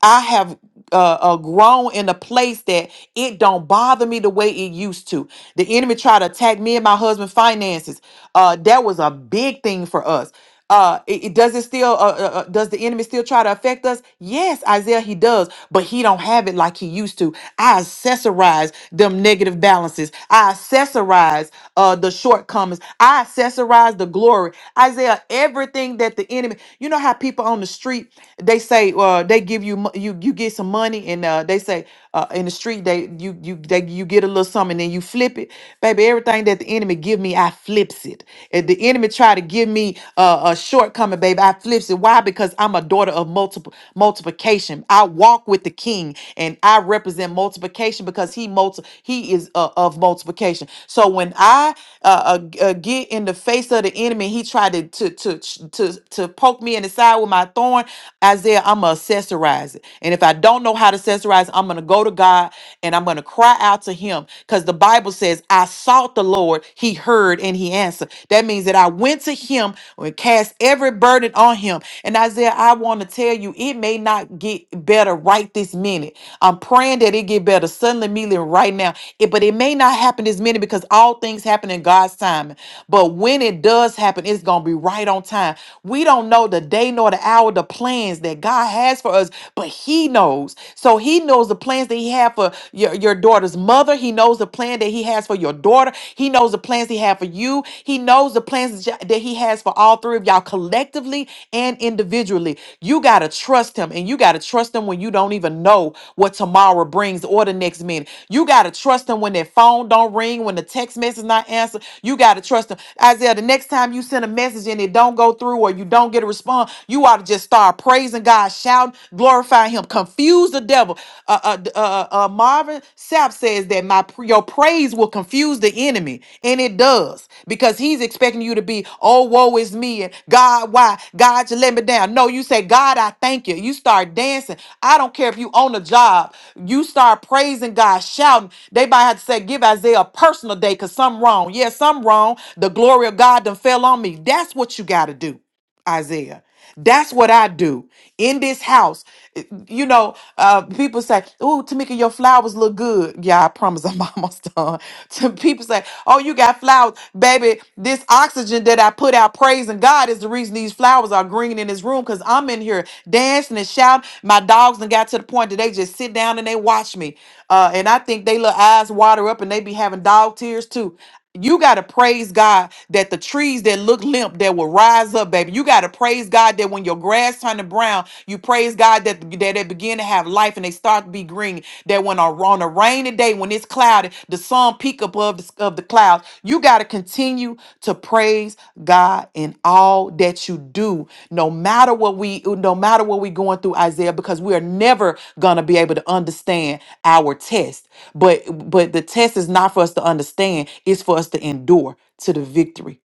I have uh, uh grown in a place that it don't bother me the way it used to. The enemy tried to attack me and my husband finances. Uh, that was a big thing for us. Uh, it, it- does it still? Uh, uh, uh, does the enemy still try to affect us? Yes, Isaiah, he does, but he don't have it like he used to. I accessorize them negative balances. I accessorize uh the shortcomings. I accessorize the glory. Isaiah, everything that the enemy. You know how people on the street they say uh they give you mo- you you get some money and uh they say uh in the street they you you they you get a little something and then you flip it, baby. Everything that the enemy give me, I I flips it. If the enemy try to give me a, a shortcoming, baby, I flips it. Why? Because I'm a daughter of multiple multiplication. I walk with the King, and I represent multiplication because he multi he is uh, of multiplication. So when I uh, uh, g- uh, get in the face of the enemy, he tried to to to to to poke me in the side with my thorn. Isaiah, I'm gonna accessorize it, and if I don't know how to accessorize, I'm gonna go to God and I'm gonna cry out to Him because the Bible says, I sought the Lord, he heard and he answered. That means that I went to him and cast every burden on him. And Isaiah, I want to tell you, it may not get better right this minute. I'm praying that it get better suddenly, immediately, and right now. It, but it may not happen this minute because all things happen in God's timing. But when it does happen, it's gonna be right on time. We don't know the day nor the hour, the plans that God has for us, but He knows. So He knows the the plans that he had for your, your daughter's mother. He knows the plan that he has for your daughter. He knows the plans he had for you. He knows the plans that y- that he has for all three of y'all collectively and individually. You got to trust him and you got to trust him when you don't even know what tomorrow brings or the next minute. You got to trust him when that phone don't ring, when the text message not answered. You got to trust him. Isaiah, the next time you send a message and it don't go through or you don't get a response, you ought to just start praising God shout, glorifying him. Confuse the devil. Uh, uh, d- uh, uh, uh, Marvin Sapp says that my pr- your praise will confuse the enemy, and it does because he's expecting you to be, oh, woe is me, and God, why? God, you let me down. No, you say, God, I thank you. You start dancing. I don't care if you own a job. You start praising God, shouting. They might have to say, give Isaiah a personal day because something wrong. Yeah, something wrong. The glory of God done fell on me. That's what you got to do. Isaiah. That's what I do in this house. Eh, You know, uh, people say, "Oh, Tamika, your flowers look good." Yeah, I promise I'm almost done. To people say, "Oh, you got flowers, baby." This oxygen that I put out praising God is the reason these flowers are green in this room because I'm in here dancing and shouting. My dogs and got to the point that they just sit down and they watch me, uh, and I think they little eyes water up and they be having dog tears too. You got to praise God that the trees that look limp that will rise up, baby. You got to praise God that when your grass turn to brown, you praise God that, that they begin to have life and they start to be green. That when a, on a rainy day, when it's cloudy, the sun peak above the, of the clouds. You got to continue to praise God in all that you do, no matter what we, no matter what we going through, Isaiah, because we are never gonna be able to understand our test. But but the test is not for us to understand, it's for us to endure to the victory.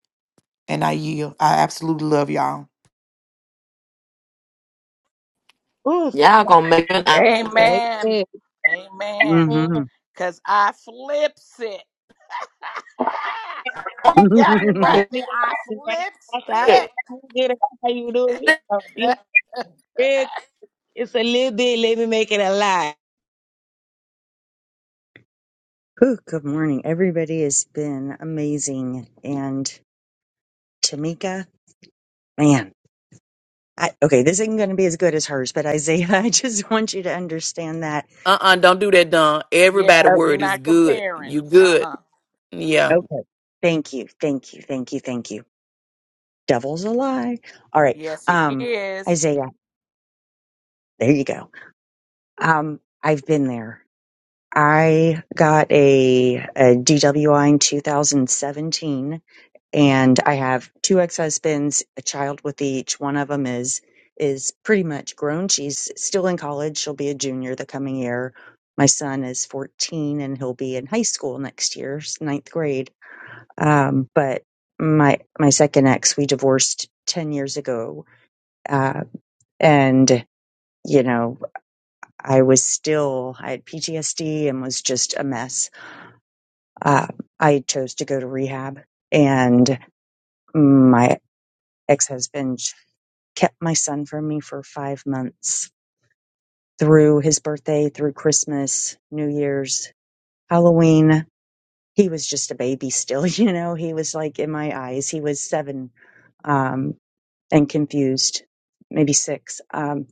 And I yield. I absolutely love y'all.
Mm.
y'all gonna make it.
That's
Amen.
it.
Amen.
hmm
Because I flips it. you got me right
Whew,
there.
nigga,
I flips
That's out. I get it how you do it. Uh,
it.
It's big. It's a little bit. Let me make it a lot.
Good morning. Everybody has been amazing. And Tamika, man, I, okay, this isn't going to be as good as hers, but Isaiah, I just want you to understand that.
Uh uh-uh, uh, do not do that, Don.
yeah,
Everybody
Oh,
we're
word is
not
good.
comparing.
You
Uh
good.
uh
okay. Thank you. Thank you. Thank you. Thank you. Devil's a lie. All right.
Yes, he
Um,
is.
Isaiah, there you go. Um, I've been there. I got a, DWI in 2017 and I have two ex-husbands, a child with each. One of them is is pretty much grown. She's still in college. She'll be a junior the coming year. My son is 14 and he'll be in high school next year, s- ninth grade. Um, but my my second ex, we divorced 10 years ago, uh, and you know I was still I had PTSD and was just a mess. Uh, I chose to go to rehab, and my ex-husband kept my son from me for five months through his birthday, through Christmas, New Year's, Halloween. He was just a baby still, you know, he was like in my eyes, he was seven, um, and confused, maybe six. Um,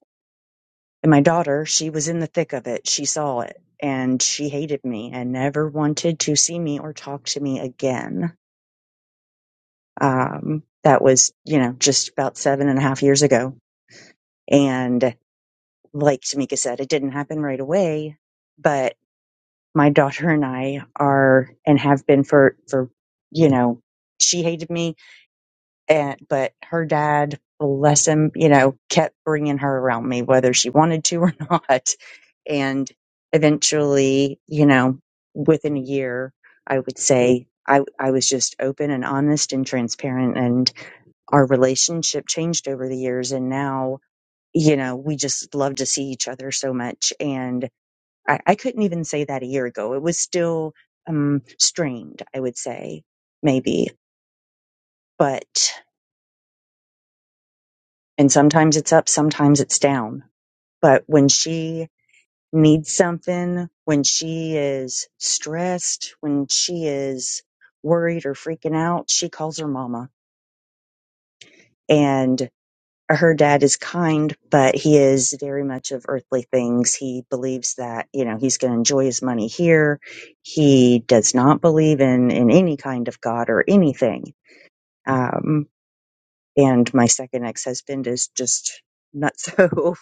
and my daughter, she was in the thick of it. She saw it and she hated me and never wanted to see me or talk to me again. Um, that was, you know, just about seven and a half years ago. And like Tamika said, it didn't happen right away, but my daughter and I are and have been for for you know she hated me and but her dad bless him you know kept bringing her around me whether she wanted to or not and eventually you know within a year i would say i i was just open and honest and transparent and our relationship changed over the years and now you know we just love to see each other so much and I, I couldn't even say that a year ago. It was still um, strained, I would say, maybe. But, and sometimes it's up, sometimes it's down. But when she needs something, when she is stressed, when she is worried or freaking out, she calls her mama. and. her dad is kind, but he is very much of earthly things. He believes that, you know, he's going to enjoy his money here. He does not believe in, in any kind of God or anything. Um, and my second ex-husband is just not so.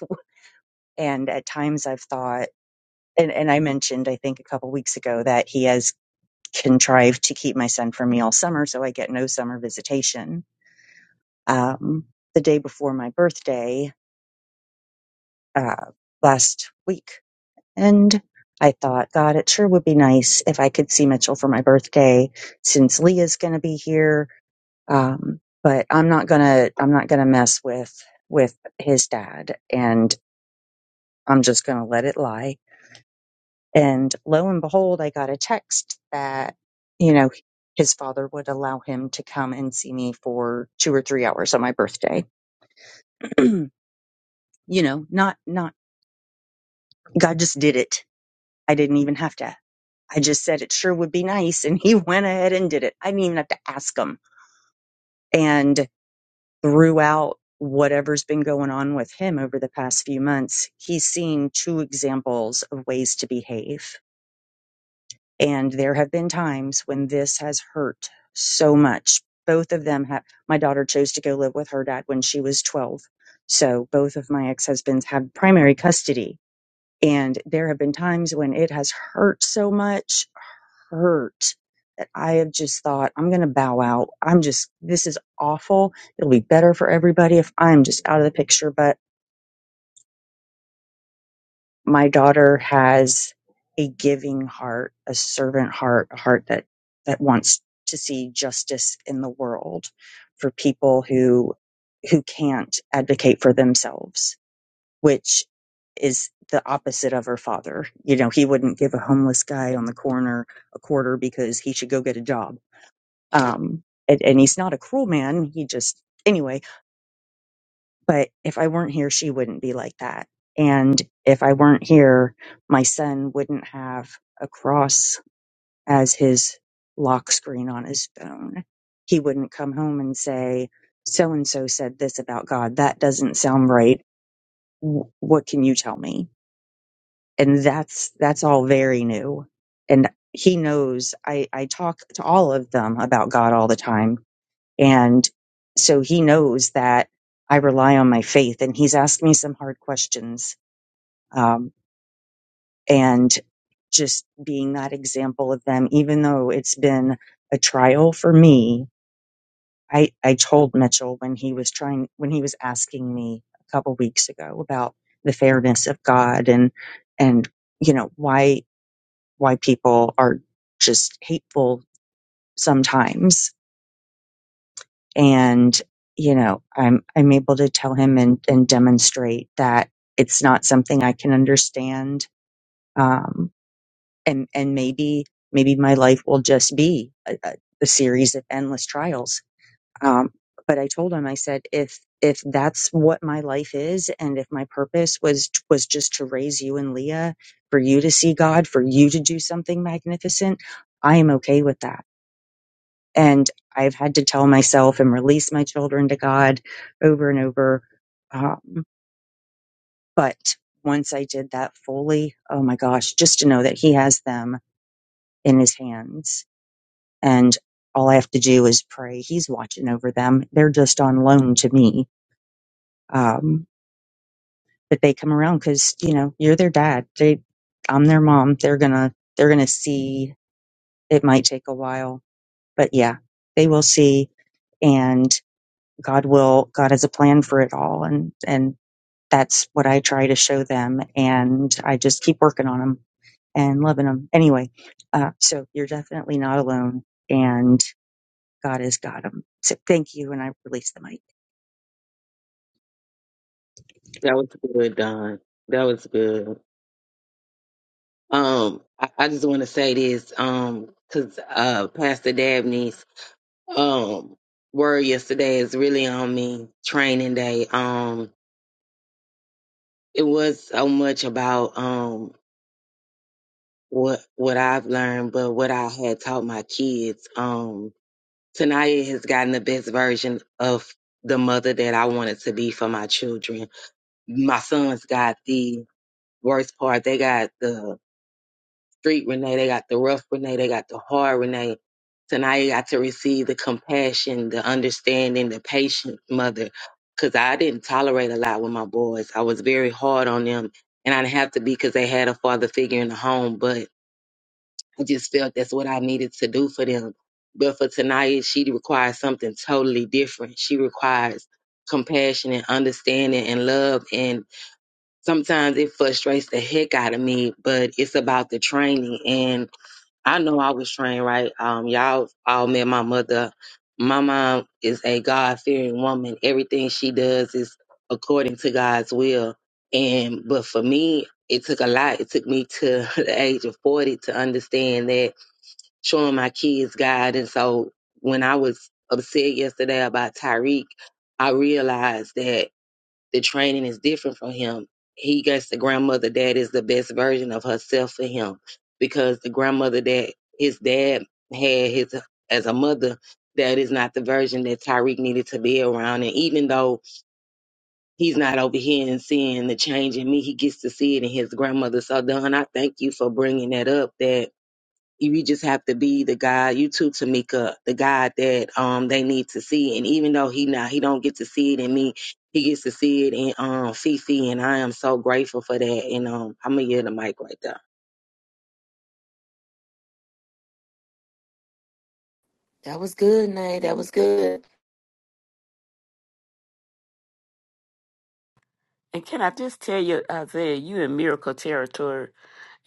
and at times I've thought, and, and I mentioned, I think a couple weeks ago that he has contrived to keep my son from me all summer. So I get no summer visitation. Um, the day before my birthday, uh, last week, And I thought, God, it sure would be nice if I could see Mitchell for my birthday since Leah's going to be here. Um, but I'm not going to, I'm not going to mess with, with his dad and I'm just going to let it lie. And lo and behold, I got a text that, you know, his father would allow him to come and see me for two or three hours on my birthday. you know, not, not, God just did it. I didn't even have to I just said it sure would be nice. And he went ahead and did it. I didn't even have to ask him. And throughout whatever's been going on with him over the past few months, he's seen two examples of ways to behave. And there have been times when this has hurt so much. Both of them have, my daughter chose to go live with her dad when she was 12. So both of my ex husbands had primary custody. And there have been times when it has hurt so much hurt that I have just thought, I'm going to bow out. I'm just, this is awful. It'll be better for everybody if I'm just out of the picture. But my daughter has a giving heart, a servant heart, a heart that, that wants to see justice in the world for people who, who can't advocate for themselves, which is the opposite of her father. You know, he wouldn't give a homeless guy on the corner a quarter because he should go get a job um and, and he's not a cruel man he just anyway but if i weren't here she wouldn't be like that and if i weren't here my son wouldn't have a cross as his lock screen on his phone he wouldn't come home and say so and so said this about god that doesn't sound right Wh- what can you tell me and that's that's all very new and he knows i i talk to all of them about god all the time And so he knows that I rely on my faith and he's asked me some hard questions. Um, and just being that example of them, even though it's been a trial for me, I, I told Mitchell when he was trying, when he was asking me a couple weeks ago about the fairness of God and, and, you know, why, why people are just hateful sometimes and you know i'm i'm able to tell him and and demonstrate that it's not something i can understand um and and maybe maybe my life will just be a, a, a series of endless trials um but i told him i said if if that's what my life is and if my purpose was was just to raise you and leah for you to see god for you to do something magnificent i am okay with that and I've had to tell myself and release my children to God over and over. Um, but once I did that fully, oh my gosh, just to know that He has them in His hands and all I have to do is pray. He's watching over them. They're just on loan to me. Um, but they come around because, you know, you're their dad. They, I'm their mom. They're gonna, they're gonna see. It might take a while, but yeah, they will see. And God will, God has a plan for it all. And, and that's what I try to show them. And I just keep working on them and loving them. Anyway, uh, so you're definitely not alone and God has got them. So thank you. And I release the mic.
That was good, Don. That was good. Um, I, I just want to say this, um, because uh, Pastor Dabney's um word yesterday is really on me. Training day. Um, it was so much about um what what I've learned, but what I had taught my kids. Um, Tanaya has gotten the best version of the mother that I wanted to be for my children. My sons got the worst part. They got the street Renee, they got the rough Renee, they got the hard Renee. Tanaya got to receive the compassion, the understanding, the patient mother. Because I didn't tolerate a lot with my boys. I was very hard on them. And I didn't have to be because they had a father figure in the home. But I just felt that's what I needed to do for them. But for Tanaya, she requires something totally different. She requires compassion and understanding and love. And sometimes it frustrates the heck out of me, but it's about the training. And I know I was trained right. Um, y'all all met my mother. My mom is a God fearing woman. Everything she does is according to God's will. And but for me, it took a lot. It took me to the age of 40 to understand that showing my kids God. And so when I was upset yesterday about Tyreek, I realized that the training is different for him. He gets the grandmother that is the best version of herself for him because the grandmother that his dad had his as a mother that is not the version that Tyreek needed to be around. And even though he's not over here and seeing the change in me, he gets to see it in his grandmother. So, Don, I thank you for bringing that up that you just have to be the guy you too tamika the guy that um they need to see and even though he now he don't get to see it in me he gets to see it in um fifi and i am so grateful for that and um i'm gonna get the mic right there
That was good, Nay. That was good.
And can I just tell you, Isaiah, you in miracle territory,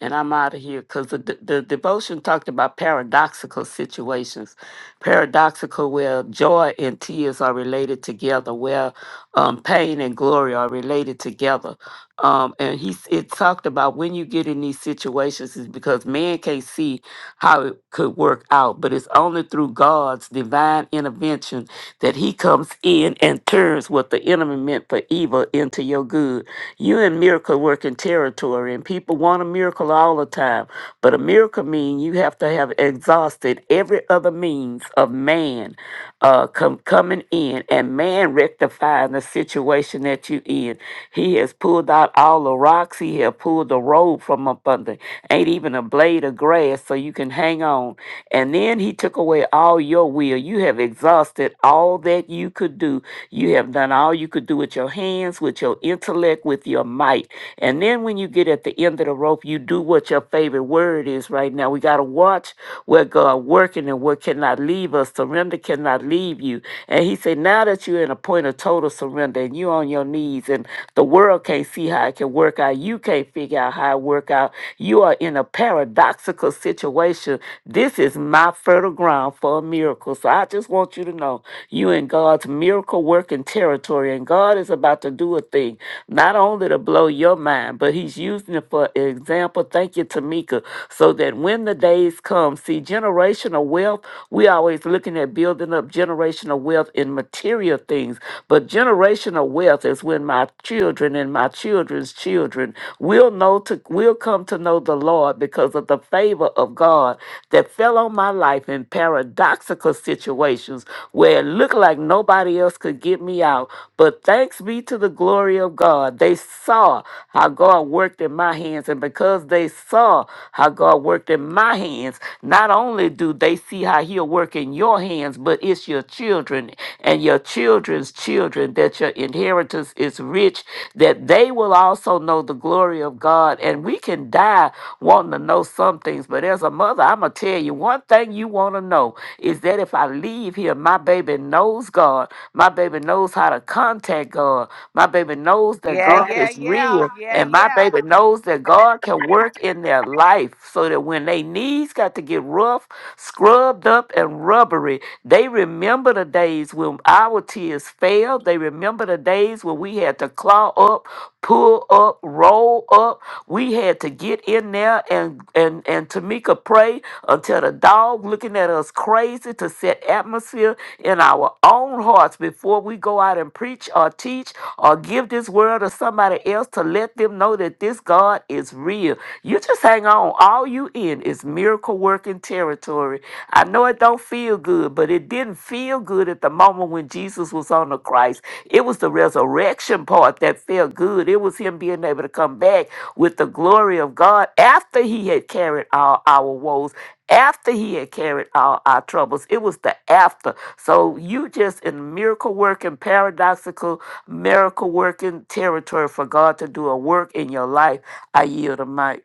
and I'm out of here because the, the devotion talked about paradoxical situations. paradoxical, where joy and tears are related together, where um, pain and glory are related together. Um, and he s- it talked about when you get in these situations is because man can't see how it could work out, but it's only through God's divine intervention that He comes in and turns what the enemy meant for evil into your good. You in miracle working territory, and people want a miracle all the time, but a miracle means you have to after have exhausted every other means of man uh, com- coming in and man rectifying the situation that you in. He has pulled out all the rocks. He has pulled the road from up under. Ain't even a blade of grass so you can hang on. And then he took away all your will. You have exhausted all that you could do. You have done all you could do with your hands, with your intellect, with your might. And then when you get at the end of the rope, you do what what your favorite word is right now. We got to watch where God working and what cannot leave us. Surrender cannot leave you. And he said, now that you're in a point of total surrender and you're on your knees and the world can't see how it can work out, you can't figure out how it work out. You are in a paradoxical situation. This is my fertile ground for a miracle. So I just want you to know you in God's miracle working territory and God is about to do a thing, not only to blow your your mind, but he's using it for example. Thank you, Tamika. So that when the days come, see, generational wealth, we always looking at building up generational wealth in material things. But generational wealth is when my children and my children's children will know to will come to know the Lord because of the favor of God that fell on my life in paradoxical situations where it looked like nobody else could get me out. But thanks be to to the glory of God. They saw how God worked in my hands. And because they saw how God worked in my hands, not only do they see how He'll work in your hands, but it's your children and your children's children that your inheritance is rich, that they will also know the glory of God. And we can die wanting to know some things. But as a mother, I'm going to tell you one thing you want to know is that if I leave here, my baby knows God. My baby knows how to contact God. My baby knows that
Yeah,
God Right.
yeah,
is
yeah.
real,
Yeah,
and my
yeah.
baby knows that God can work in their life so that when they knees got to get rough, scrubbed up, and rubbery, they remember the days when our tears fell. They remember the days when we had to claw up, pull up, roll up. We had to get in there and and and Tamika pray until the dog looking at us crazy to set atmosphere in our own hearts before we go out and preach or teach or give this word to somebody else to let them know that this God is real. You just hang on. All you in is miracle working territory. I know it don't feel good, but it didn't feel good at the moment when Jesus was on the Christ. It was the resurrection part that felt good. It was him being able to come back with the glory of God after he had carried all our woes after he had carried all our troubles. It was the after. So you just in miracle working, paradoxical, miracle working territory for God to do a work in your life. I yield a mic.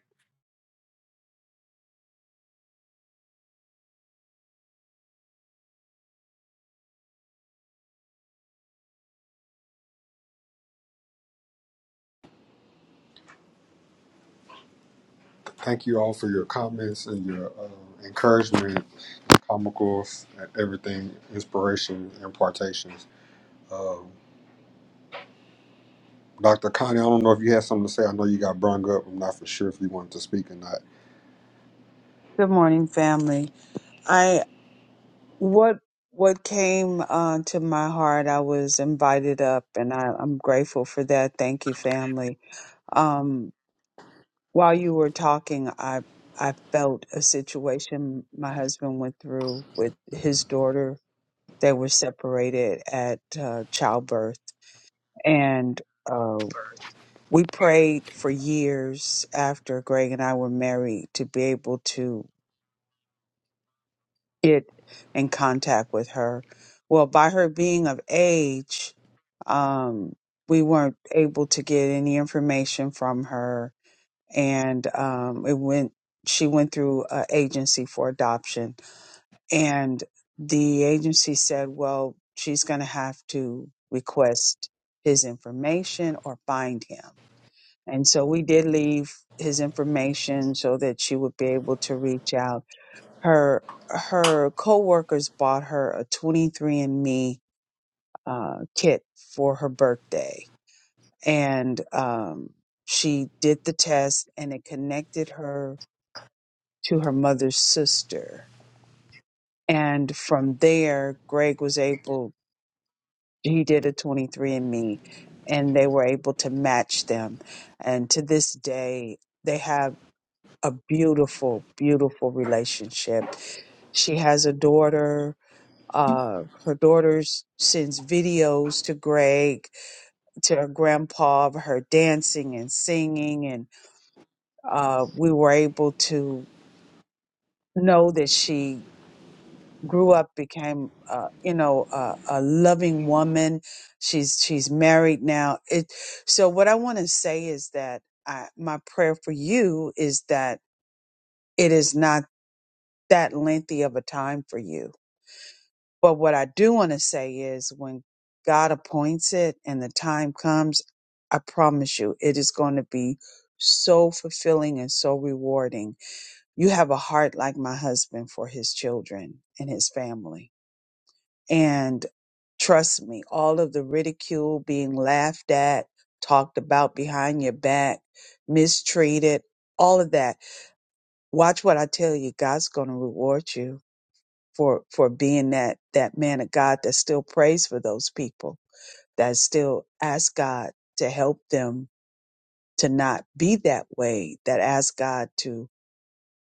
Thank you all for your comments and your uh, encouragement, comicals, and everything, inspiration, impartations. Um, Dr. Connie, I don't know if you had something to say. I know you got brung up. I'm not for sure if you wanted to speak or not.
Good morning, family. I what what came uh, to my heart. I was invited up, and I, I'm grateful for that. Thank you, family. Um, while you were talking, I I felt a situation my husband went through with his daughter. They were separated at uh, childbirth, and. uh, we prayed for years after Greg and I were married to be able to get in contact with her. Well, by her being of age, um, we weren't able to get any information from her, and um, it went. She went through an agency for adoption, and the agency said, "Well, she's going to have to request his information or find him." And so we did leave his information so that she would be able to reach out. Her her coworkers bought her a 23andMe uh, kit for her birthday, and um, she did the test, and it connected her to her mother's sister. And from there, Greg was able. He did a 23andMe, and me, and they were able to match them. And to this day, they have a beautiful, beautiful relationship. She has a daughter. Uh, her daughter s- sends videos to Greg, to her grandpa of her dancing and singing. And uh, we were able to know that she grew up, became, uh, you know, a, a loving woman. She's, she's married now. It, so what I want to say is that I, my prayer for you is that it is not that lengthy of a time for you But what I do want to say is when God appoints it and the time comes, I promise you, it is going to be so fulfilling and so rewarding. You have a heart like my husband for his children and his family. And trust me, all of the ridicule, being laughed at, talked about behind your back, mistreated, all of that. Watch what I tell you. God's going to reward you for for being that that man of God that still prays for those people, that still asks God to help them to not be that way, that asks God to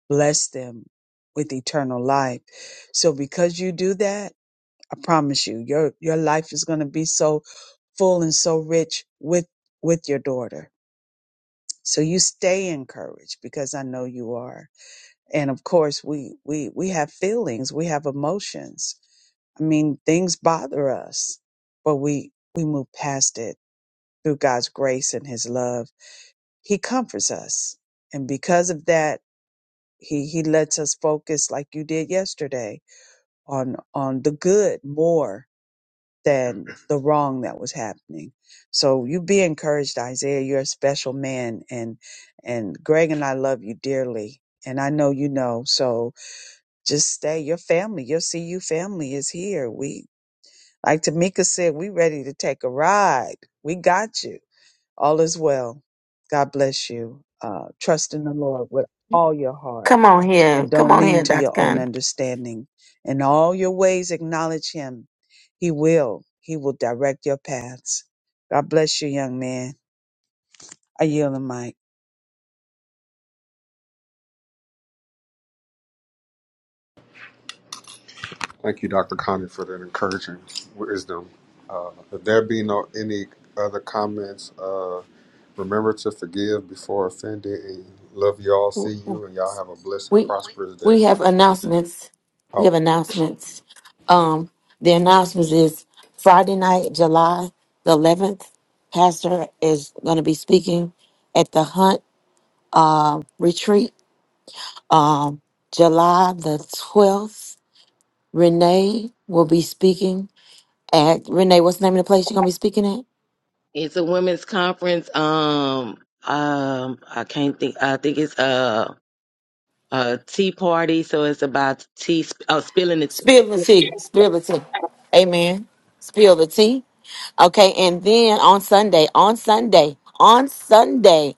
bless them with eternal life. So because you do that, I promise you, your your life is going to be so full and so rich with with your daughter. So you stay encouraged because I know you are. And of course, we we we have feelings, we have emotions I mean, things bother us, but we we move past it through God's grace and His love. He comforts us, and because of that, He He lets us focus, like you did yesterday, on on the good more than the wrong that was happening. So you be encouraged, Isaiah. You're a special man, and and Greg and I love you dearly, and I know you know. So just stay. Your family, your CU family, is here. Like Tamika said, we ready to take a ride. We got you. All is well. God bless you. Uh, trust in the Lord with all your heart
Come on here.
and
Come
don't
on
lean
here,
to
Doctor
your own
Khan.
understanding. In all your ways, acknowledge him. He will. He will direct your paths. God bless you, young man. I yield the mic.
Thank you, Dr. Connie, for that encouraging wisdom. Uh, if there be no any other comments, uh, remember to forgive before offended and love you all.
Ooh,
See
ooh.
you and y'all have a blessed and
We
prosperous day.
we have announcements. We
Oh.
have announcements. Um, the announcements is Friday night, July the 11th. Pastor is going to be speaking at the Hunt. uh, retreat, um, July the 12th. Renee will be speaking at, Renee, what's the name of the place you're going to be speaking at?
it's a women's conference um um i can't think i think it's a a tea party so it's about tea sp- oh spilling the
Spill the
tea.
tea. Spill the tea. Amen. Spill the tea. Okay, and then on Sunday, on Sunday, on Sunday.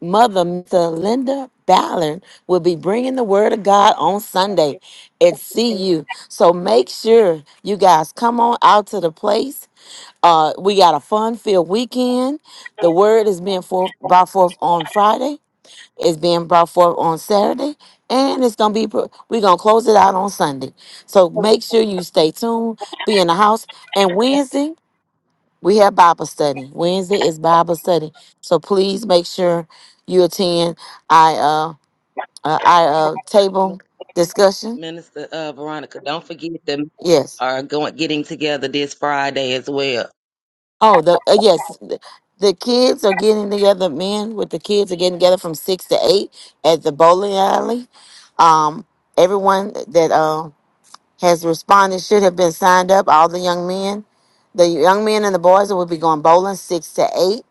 Mother Mr. Linda Ballard will be bringing the Word of God on Sunday at CU. So make sure you guys come on out to the place. Uh, we got a fun-filled weekend. The Word is being forth, brought forth on Friday. It's being brought forth on Saturday, and it's gonna be. pro- We're gonna close it out on Sunday. So make sure you stay tuned. Be in the house and Wednesday. We have Bible study. Wednesday is Bible study. So please make sure you attend I uh, uh I uh table discussion.
minister uh veronica don't forget them
Yes.
are going getting together this friday as well
Oh, the uh, yes, the, the kids are getting together. Men with the kids are getting together from 6 to 8 at the bowling alley. Um everyone that uh has responded should have been signed up, all the young men. The young men and the boys that will be going bowling 6 to 8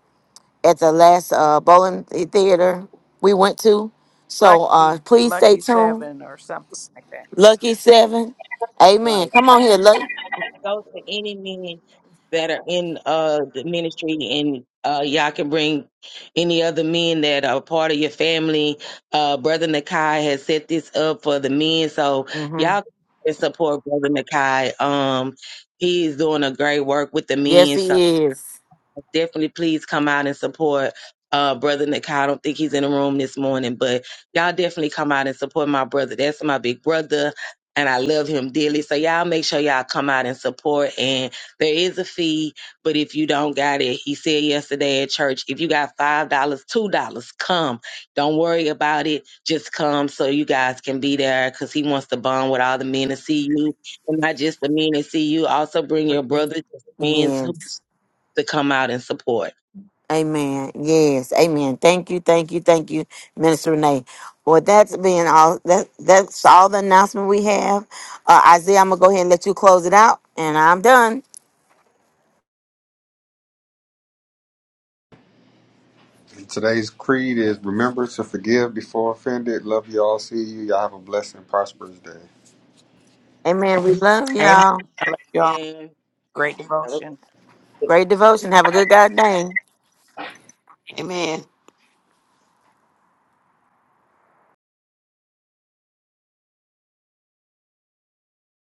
at the last uh, bowling theater we went to. So uh,
Lucky,
please stay
Lucky
tuned.
Seven or something like that. Yeah.
Lucky Seven. Amen. Come on here, Lucky.
go to any men that are in uh the ministry and uh y'all can bring any other men that are part of your family. Uh brother Nakai has set this up for the men. So
hmm
y'all can support brother Nakai. Um he's doing a great work with the
Yes,
men. so
he is.
definitely please come out and support uh brother Nikai. I don't think he's in the room this morning, but y'all definitely come out and support my brother. That's my big brother. And I love him dearly. So y'all make sure y'all come out and support. And there is a fee, but if you don't got it, he said yesterday at church, if you got five dollars, two dollars, come. Don't worry about it. Just come so you guys can be there because he wants to bond with all the men and see you. And not just the men and see you. Also bring your brothers and friends who
Yes.
to come out and support.
Amen. Yes. Amen. Thank you. Thank you. Thank you, Minister Renee. Well, that's being all that that's all the announcement we have. Uh, Isaiah, I'm gonna go ahead and let you close it out, and I'm done.
Today's creed is remember to forgive before offended. Love you all. See you. Y'all have a blessed and prosperous day.
Amen. We love
Amen.
y'all.
I love you all.
And
Great
I look
devotion.
at
Great devotion. Have a good God day.
Amen.